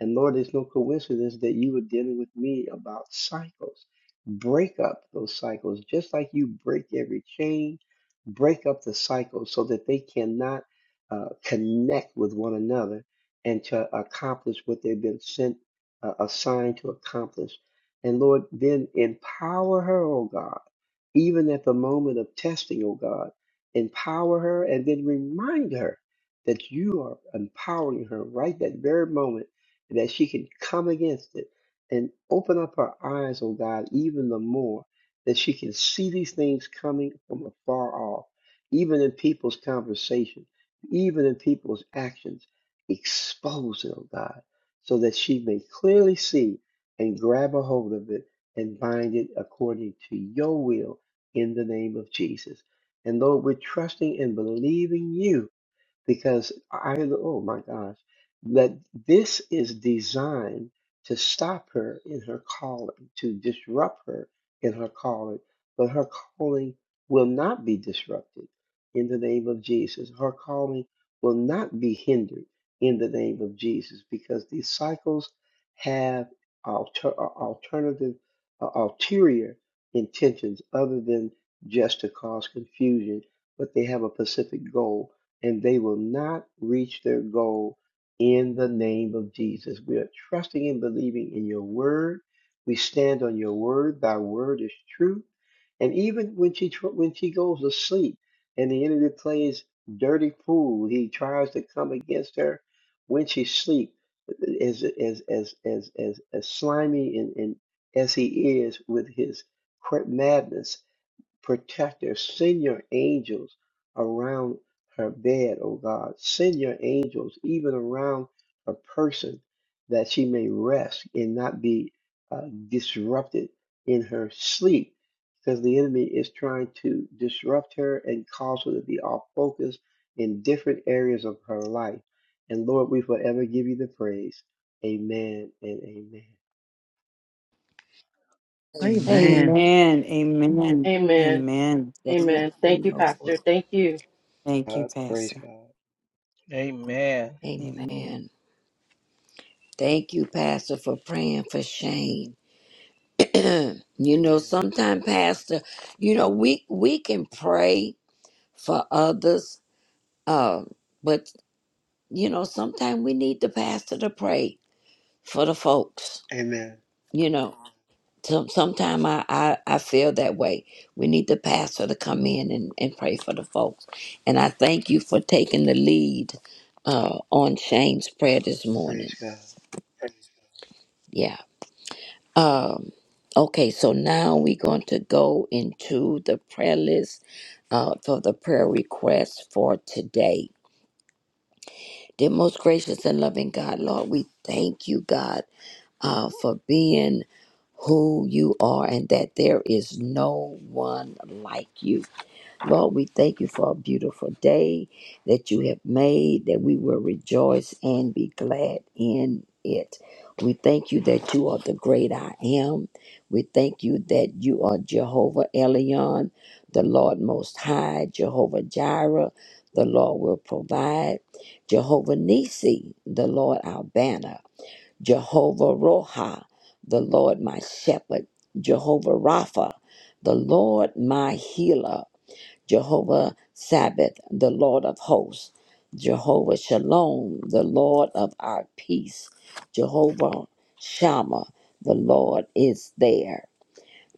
Speaker 5: And Lord, it's no coincidence that you were dealing with me about cycles. Break up those cycles, just like you break every chain, break up the cycles so that they cannot uh, connect with one another and to accomplish what they've been sent, uh, assigned to accomplish. And Lord, then empower her, oh God, even at the moment of testing, oh God, empower her and then remind her that you are empowering her right that very moment and that she can come against it and open up her eyes, oh God, even the more that she can see these things coming from afar off, even in people's conversation, even in people's actions. Expose it, oh God, so that she may clearly see and grab a hold of it and bind it according to your will in the name of Jesus. And Lord, we're trusting and believing you because I, oh my gosh, that this is designed to stop her in her calling, to disrupt her in her calling, but her calling will not be disrupted in the name of Jesus. Her calling will not be hindered in the name of Jesus because these cycles have alter, uh, alternative, uh, ulterior intentions other than just to cause confusion, but they have a specific goal and they will not reach their goal in the name of Jesus. We are trusting and believing in your word. We stand on your word. Thy word is true. And even when she tr- when she goes to sleep and the enemy plays dirty fool, he tries to come against her when she sleeps, as as as as as, as slimy and, and as he is with his cra- madness Protector, send your angels around her bed, O God. Send your angels even around her person that she may rest and not be uh, disrupted in her sleep because the enemy is trying to disrupt her and cause her to be off focus in different areas of her life. And Lord, we forever give you the praise. Amen and amen.
Speaker 7: Amen.
Speaker 3: Amen.
Speaker 1: Amen. Amen.
Speaker 10: Amen.
Speaker 1: Amen.
Speaker 7: Thank
Speaker 10: Amen. Thank you,
Speaker 7: you, Lord.
Speaker 10: Pastor. Thank you.
Speaker 1: Thank you,
Speaker 5: God, praise
Speaker 1: Pastor.
Speaker 5: God.
Speaker 4: Amen.
Speaker 1: Amen.
Speaker 7: Amen. Thank you, Pastor, for praying for Shane. you know,
Speaker 5: Amen.
Speaker 7: sometimes, Pastor, you know, we we can pray for others, uh, but. you know, sometimes we need the pastor to pray for the folks.
Speaker 5: Amen.
Speaker 7: You know, some sometimes I, I I feel that way. We need the pastor to come in and, and pray for the folks. And I thank you for taking the lead uh, on Shane's prayer this morning.
Speaker 5: Praise God.
Speaker 7: Yeah. Um. Okay. So now we're going to go into the prayer list uh, for the prayer requests for today. Dear most gracious and loving God, Lord, we thank you, God uh, for being who you are and that there is no one like you. Lord, we thank you for a beautiful day that you have made, that we will rejoice and be glad in it. We thank you that you are the great I am. We thank you that you are Jehovah Elion, the Lord Most High, Jehovah Jireh, the Lord will provide, Jehovah Nisi, the Lord our banner. Jehovah Roha, the Lord my shepherd, Jehovah Rapha, the Lord my healer, Jehovah Sabbath, the Lord of hosts, Jehovah Shalom, the Lord of our peace, Jehovah Shammah, the Lord is there.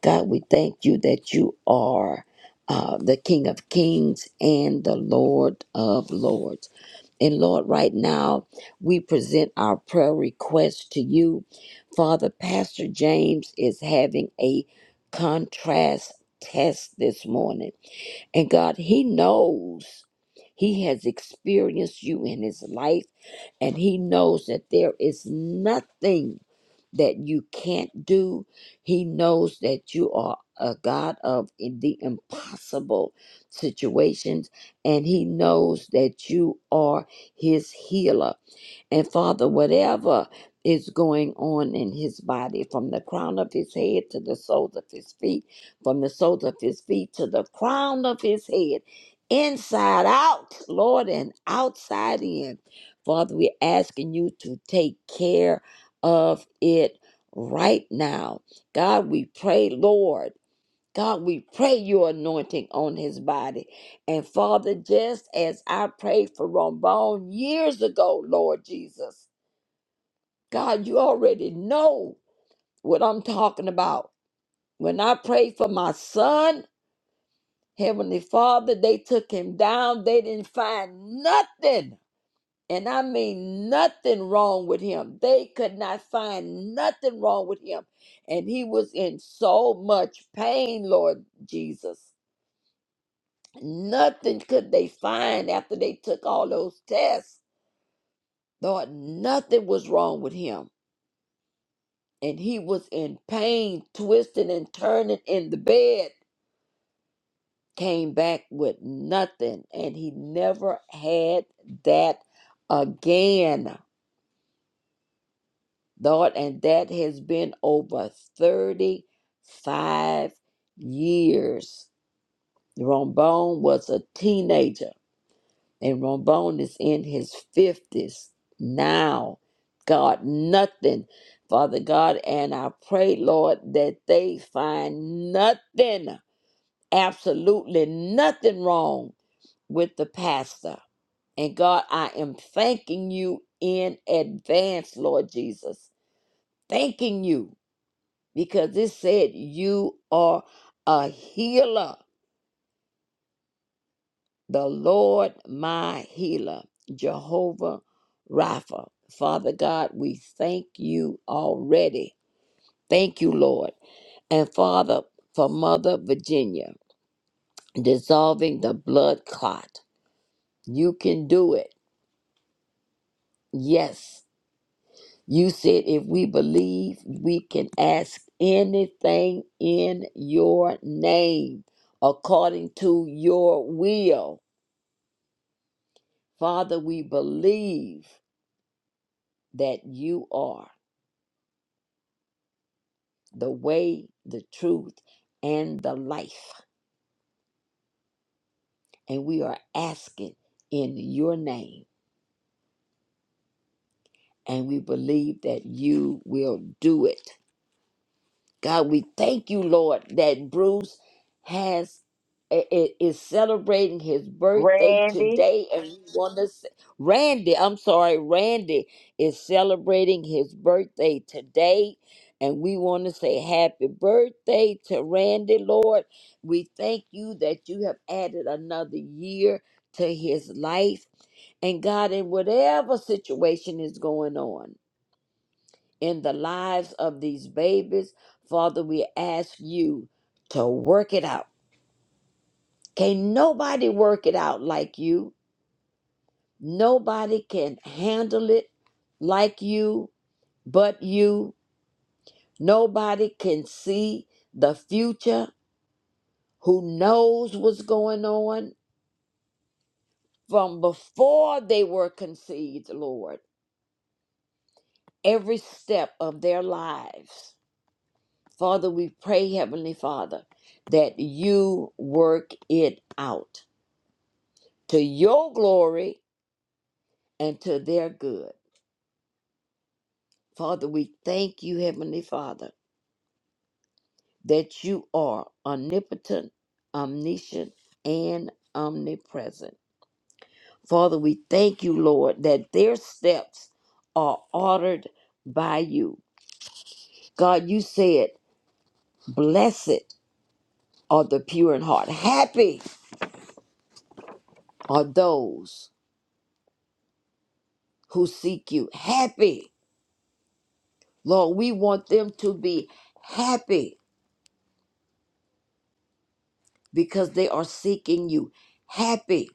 Speaker 7: God, we thank you that you are uh, the King of kings and the Lord of lords. And Lord, right now, we present our prayer request to you. Father, Pastor James is having a contrast test this morning. And God, he knows he has experienced you in his life, and he knows that there is nothing that you can't do. He knows that you are a God of the impossible situations, and He knows that you are His healer. And Father, whatever is going on in his body, from the crown of his head to the soles of his feet, from the soles of his feet to the crown of his head, inside out, Lord, and outside in. Father, we're asking you to take care of it right now. God, we pray, Lord. God, we pray your anointing on his body. And Father, just as I prayed for Rombone years ago, Lord Jesus, God, you already know what I'm talking about. When I prayed for my son, Heavenly Father, they took him down. They didn't find nothing. And I mean nothing wrong with him. They could not find nothing wrong with him. And he was in so much pain, Lord Jesus. Nothing could they find after they took all those tests. Thought nothing was wrong with him. And he was in pain, twisting and turning in the bed. Came back with nothing. And he never had that again. Thought, and that has been over 35 years. Rombone was a teenager And Ramon is in his 50s now. God, nothing. Father God, and I pray, Lord, that they find nothing, absolutely nothing wrong with the pastor. And God, I am thanking you in advance, Lord Jesus. Thanking you because it said you are a healer. the Lord my healer, Jehovah Rapha. Father God, we thank you already. Thank you, Lord. And Father, for Mother Virginia, dissolving the blood clot. You can do it. Yes. You said if we believe, we can ask anything in your name according to your will. Father, we believe that you are. the way, the truth, and the life. And we are asking in your name, and we believe that you will do it. God, we thank you, Lord, that Bruce has i- i- is celebrating his birthday
Speaker 3: Randy.
Speaker 7: today, and we want to. Randy, I'm sorry, Randy is celebrating his birthday today, and we want to say happy birthday to Randy, Lord. We thank you that you have added another year to his life, and God, in whatever situation is going on in the lives of these babies. Father, we ask you to work it out. Can nobody work it out like you? Nobody can handle it like you but you. Nobody can see the future who knows what's going on from before they were conceived, Lord, every step of their lives. Father, we pray, Heavenly Father, that you work it out to your glory and to their good. Father, we thank you, Heavenly Father, that you are omnipotent, omniscient, and omnipresent. Father, we thank you, Lord, that their steps are ordered by you. God, you said, Blessed are the pure in heart. Happy are those who seek you. Happy Lord, we want them to be happy because they are seeking you. Happy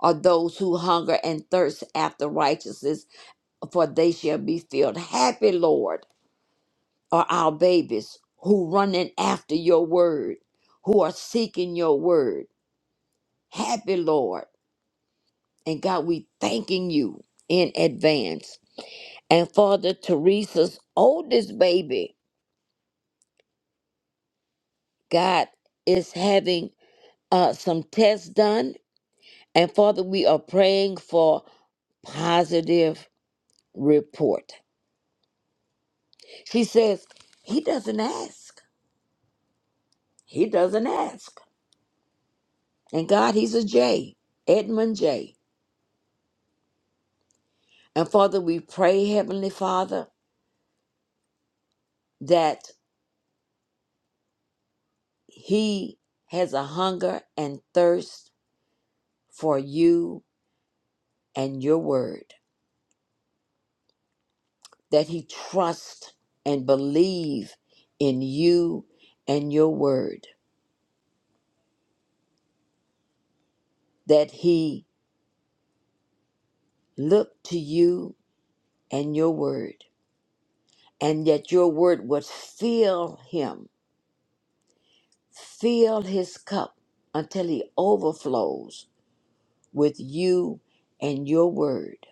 Speaker 7: are those who hunger and thirst after righteousness, for they shall be filled. Happy, Lord, are our babies who running after your word, who are seeking your word. Happy, Lord. And God, we thanking you in advance. And Father Teresa's oldest baby, God, is having uh, some tests done And Father, we are praying for positive report. She says, He doesn't ask. He doesn't ask. And God, He's a J, Edmund J. And Father, we pray, Heavenly Father, that He has a hunger and thirst for you and your word, that He trust and believe in you and your word, that He look to you and your word and that your word would fill him, fill his cup until he overflows with you and your word.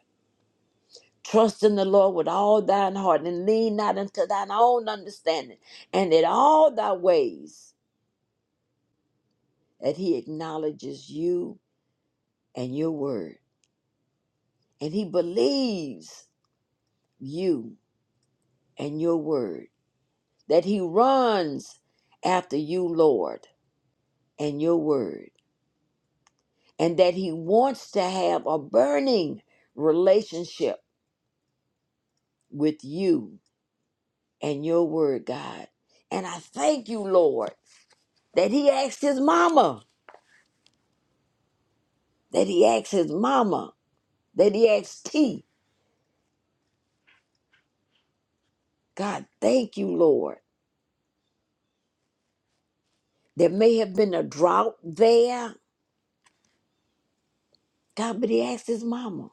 Speaker 7: Trust in the Lord with all thine heart and lean not unto thine own understanding, and in all thy ways that he acknowledges you and your word, and he believes you and your word, that he runs after you, Lord, and your word. and that He wants to have a burning relationship with you and your word, God. And I thank you, Lord, that He asked His mama, that He asked His mama, that He asked T. God, thank you, Lord. There may have been a drought there, God, but He asked His mama.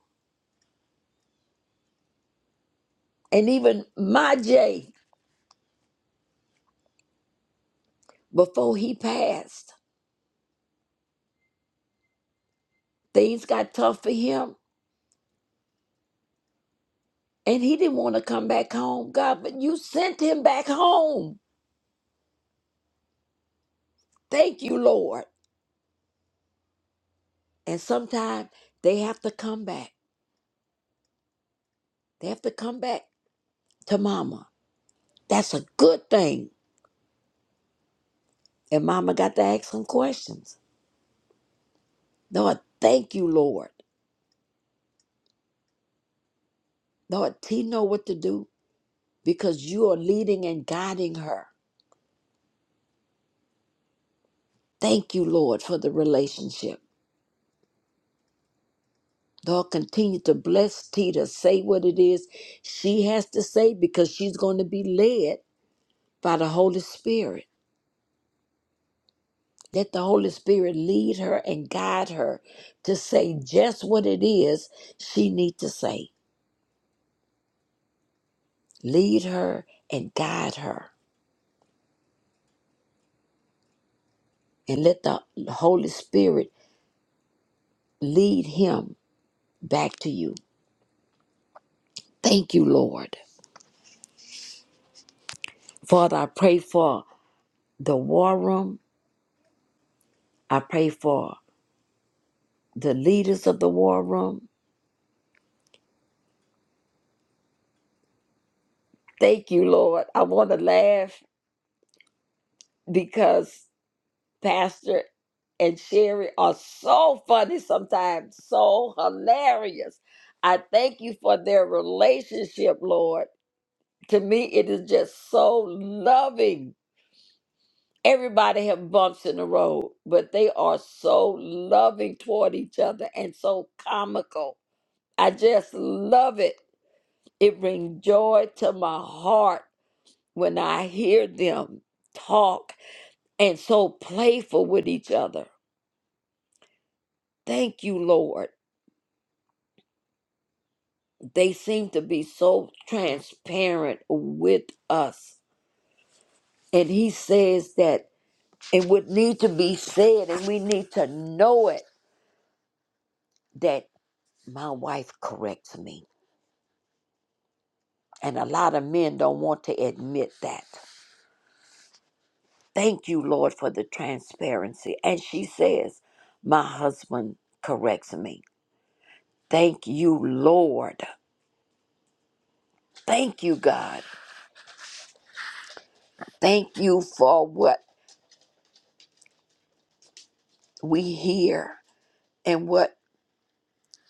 Speaker 7: And even my Jay, before he passed, things got tough for him. And he didn't want to come back home, God, but you sent him back home. Thank you, Lord. And sometimes they have to come back. They have to come back to mama. That's a good thing. And mama got to ask some questions. Lord, thank you, Lord. Lord, T know what to do because you are leading and guiding her. Thank you, Lord, for the relationship. Lord, continue to bless T to say what it is she has to say because she's going to be led by the Holy Spirit. Let the Holy Spirit lead her and guide her to say just what it is she need to say. Lead her and guide her. And let the Holy Spirit lead him back to you. Thank you, Lord. Father, I pray for the war room. I pray for the leaders of the war room. Thank you, Lord. I want to laugh because Pastor and Sherry are so funny sometimes, so hilarious. I thank you for their relationship, Lord. To me, it is just so loving. Everybody have bumps in the road, but they are so loving toward each other and so comical. I just love it. It brings joy to my heart when I hear them talk and so playful with each other. Thank you, Lord. They seem to be so transparent with us. And he says that it would need to be said, and we need to know it that my wife corrects me. And a lot of men don't want to admit that. Thank you, Lord, for the transparency. And she says, My husband corrects me. Thank you, Lord. Thank you, God. Thank you for what we hear and what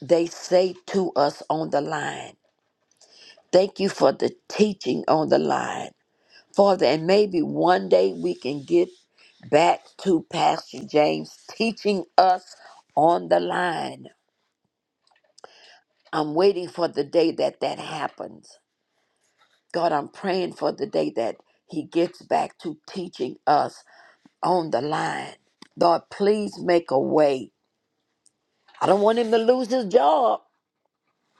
Speaker 7: they say to us on the line. Thank you for the teaching on the line, Father. And maybe one day we can get back to Pastor James teaching us on the line. I'm waiting for the day that that happens. God, I'm praying for the day that he gets back to teaching us on the line. Lord, please make a way. I don't want him to lose his job.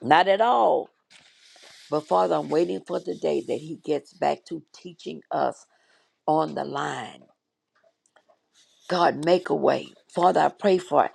Speaker 7: Not at all. But Father, I'm waiting for the day that he gets back to teaching us on the line. God, make a way. Father, I pray for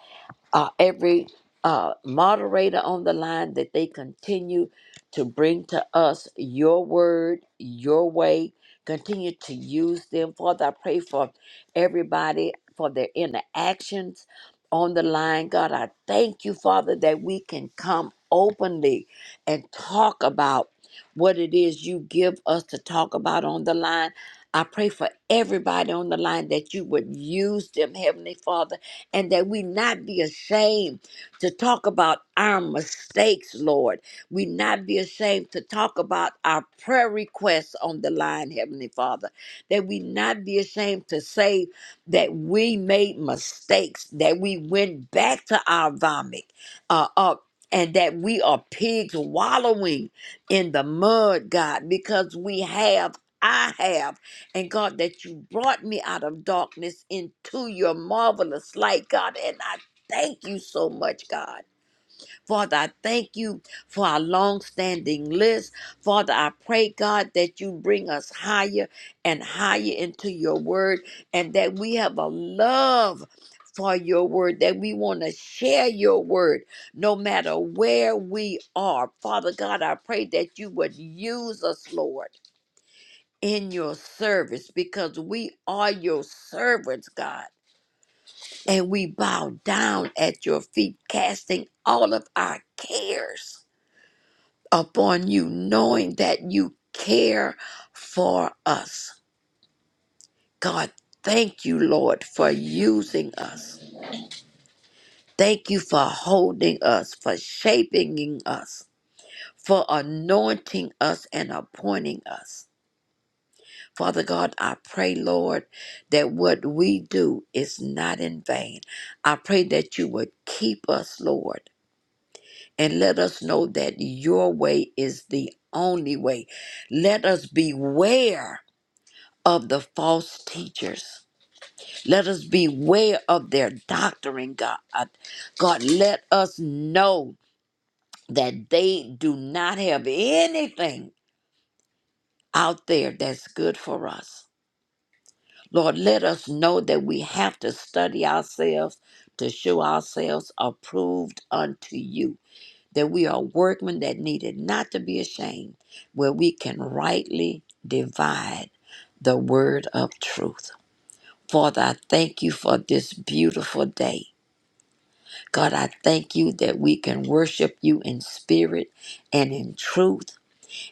Speaker 7: uh, every uh, moderator on the line that they continue to bring to us your word, your way. Continue to use them. Father, I pray for everybody for their interactions on the line. God, I thank you, Father, that we can come openly and talk about what it is you give us to talk about on the line. I pray for everybody on the line that you would use them, Heavenly Father and that we not be ashamed to talk about our mistakes, Lord. We not be ashamed to talk about our prayer requests on the line, Heavenly Father. That we not be ashamed to say that we made mistakes, that we went back to our vomit, uh, uh, and that we are pigs wallowing in the mud, God, because we have. I have and God, that you brought me out of darkness into your marvelous light, God. And I thank you so much, God. Father, I thank you for our long standing list. Father, I pray, God, that you bring us higher and higher into your word and that we have a love. For your word, that we want to share your word no matter where we are. Father God, I pray that you would use us, Lord in your service because we are your servants, God. And we bow down at your feet, casting all of our cares upon you, knowing that you care for us. God, thank you, Lord, for using us. Thank you for holding us, for shaping us, for anointing us and appointing us. Father God, I pray, Lord, that what we do is not in vain. I pray that you would keep us, Lord, and let us know that your way is the only way. Let us beware of the false teachers. Let us beware of their doctrine, God. God, let us know that they do not have anything out there that's good for us. Lord, let us know that we have to study ourselves to show ourselves approved unto you, that we are workmen that needed not to be ashamed, where we can rightly divide the word of truth. Father, I thank you for this beautiful day. God, I thank you that we can worship you in spirit and in truth.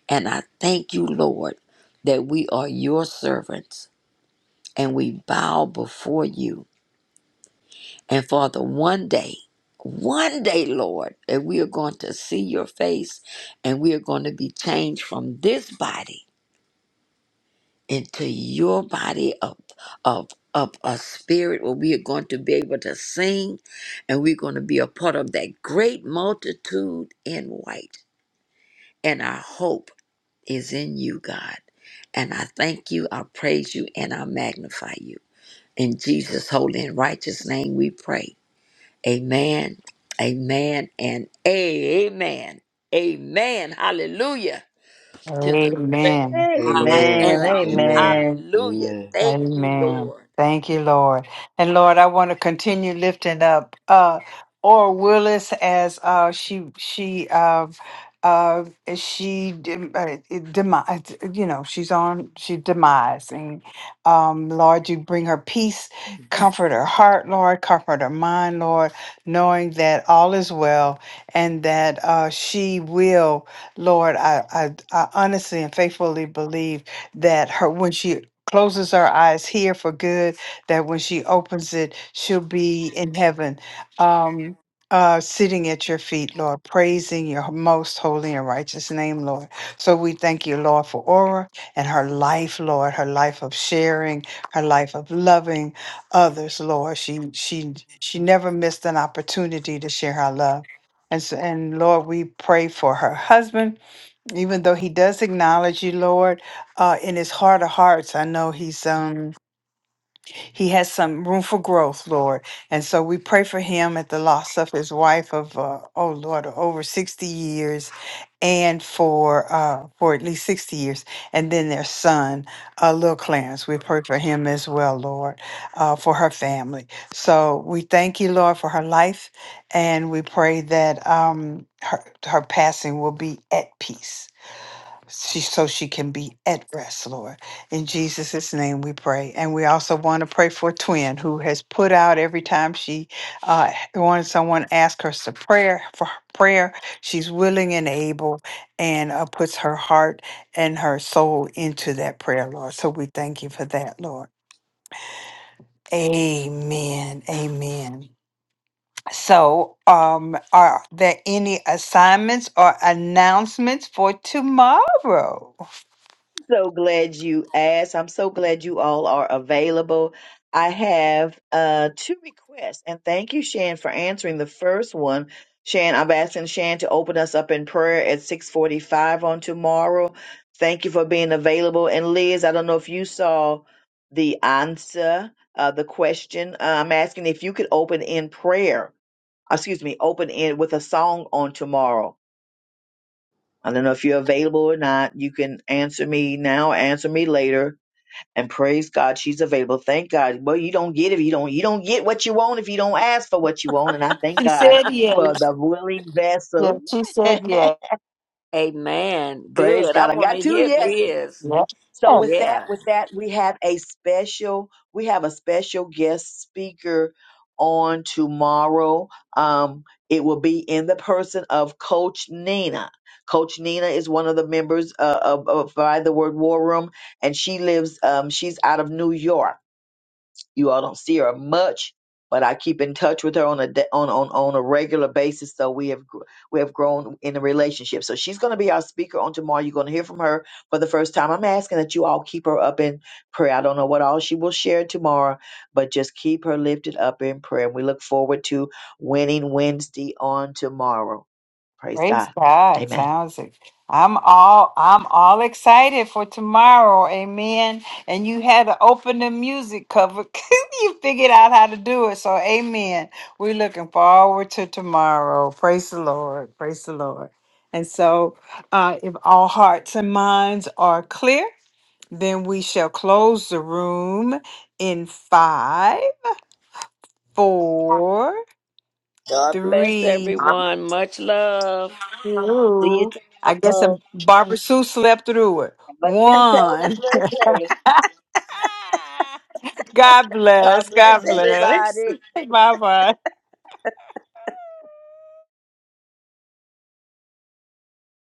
Speaker 7: And I thank you, Lord, that we are your servants and we bow before you And Father, one day, one day, Lord, that we are going to see your face and we are going to be changed from this body into your body of, of, of a spirit where we are going to be able to sing and we're going to be a part of that great multitude in white. And our hope is in you, God. And I thank you, I praise you, and I magnify you. In Jesus' holy and righteous name we pray. Amen. Amen and amen. Amen. Hallelujah. To the great
Speaker 1: Amen.
Speaker 7: I
Speaker 5: Amen.
Speaker 3: Amen.
Speaker 7: am.
Speaker 5: Amen.
Speaker 3: Amen.
Speaker 7: Hallelujah.
Speaker 5: Amen.
Speaker 7: Thank you,
Speaker 1: Amen.
Speaker 7: Lord.
Speaker 1: Thank you, Lord. And Lord, I want to continue lifting up uh Or Willis as uh she she uh uh she dem- uh, demise you know she's on she demise and um lord you bring her peace comfort her heart lord comfort her mind lord knowing that all is well and that uh she will lord i i, I honestly and faithfully believe that her when she closes her eyes here for good, that when she opens it, she'll be in heaven, um, uh, sitting at your feet, Lord, praising your most holy and righteous name, Lord. So we thank you, Lord, for Aura and her life, Lord, her life of sharing, her life of loving others, Lord. She she she never missed an opportunity to share her love. And, so, and Lord, we pray for her husband even though he does acknowledge you lord uh in his heart of hearts i know he's um he has some room for growth lord and so we pray for him at the loss of his wife of uh, oh lord over 60 years and for uh for at least 60 years and then their son uh little clarence we pray for him as well lord uh for her family so we thank you lord for her life and we pray that um her her passing will be at peace she, so she can be at rest, Lord. In Jesus' name we pray. And we also want to pray for Twin, who has put out every time she uh, wanted someone ask her to prayer for prayer. She's willing and able and uh, puts her heart and her soul into that prayer, Lord. So we thank you for that, Lord. Amen. Amen. So, um, are there any assignments or announcements for tomorrow?
Speaker 3: so glad you asked. I'm so glad you all are available. I have uh, two requests, and thank you, Shan, for answering the first one. Shan, I'm asking Shan to open us up in prayer at 6:45 on tomorrow. Thank you for being available. And Liz, I don't know if you saw the answer, uh, the question. Uh, I'm asking if you could open in prayer. uh, Excuse me, open in with a song on tomorrow. I don't know if you're available or not. You can answer me now, answer me later and praise God she's available. Thank God. Well, you don't get if you don't you don't get what you want if you don't ask for what you want. And I thank
Speaker 1: She
Speaker 3: God
Speaker 1: said yes.
Speaker 3: for the willing
Speaker 1: Yeah,
Speaker 3: vessel.
Speaker 1: she said yes.
Speaker 7: Amen.
Speaker 3: praise
Speaker 7: Good. I
Speaker 3: God. I
Speaker 7: want to
Speaker 3: got two
Speaker 7: hear
Speaker 3: yeses.
Speaker 7: Liz.
Speaker 1: Yeah.
Speaker 3: So
Speaker 1: Yeah.
Speaker 3: with that,
Speaker 7: Yeah.
Speaker 3: with that, we have a special, we have a special guest speaker on tomorrow. Um, it will be in the person of Coach Nina. Coach Nina is one of the members uh, of, of by the Word War Room, and she lives. Um, she's out of New York You all don't see her much, but I keep in touch with her on a da- on on on a regular basis. So we have gr- we have grown in a relationship. So she's going to be our speaker on tomorrow. You're going to hear from her for the first time. I'm asking that you all keep her up in prayer. I don't know what all she will share tomorrow, but just keep her lifted up in prayer. And we look forward to winning Wednesday on tomorrow. Praise
Speaker 1: Praise
Speaker 3: God.
Speaker 1: God.
Speaker 3: Amen.
Speaker 1: Sounds ex- I'm all I'm all excited for tomorrow. Amen. And you had to open the music cover. you figured out how to do it. So amen. We're looking forward to tomorrow. Praise the Lord. Praise the Lord. And so uh, if all hearts and minds are clear, then we shall close the room in five, four,
Speaker 7: God bless
Speaker 1: three.
Speaker 7: everyone. Much love. See you
Speaker 1: Ooh. I guess a
Speaker 7: tomorrow.
Speaker 1: Barbara Sue slept through it.
Speaker 3: But be totally
Speaker 1: One.
Speaker 3: blessed day.
Speaker 1: God bless.
Speaker 7: God bless
Speaker 1: God bless.
Speaker 7: everybody.
Speaker 1: Bye bye.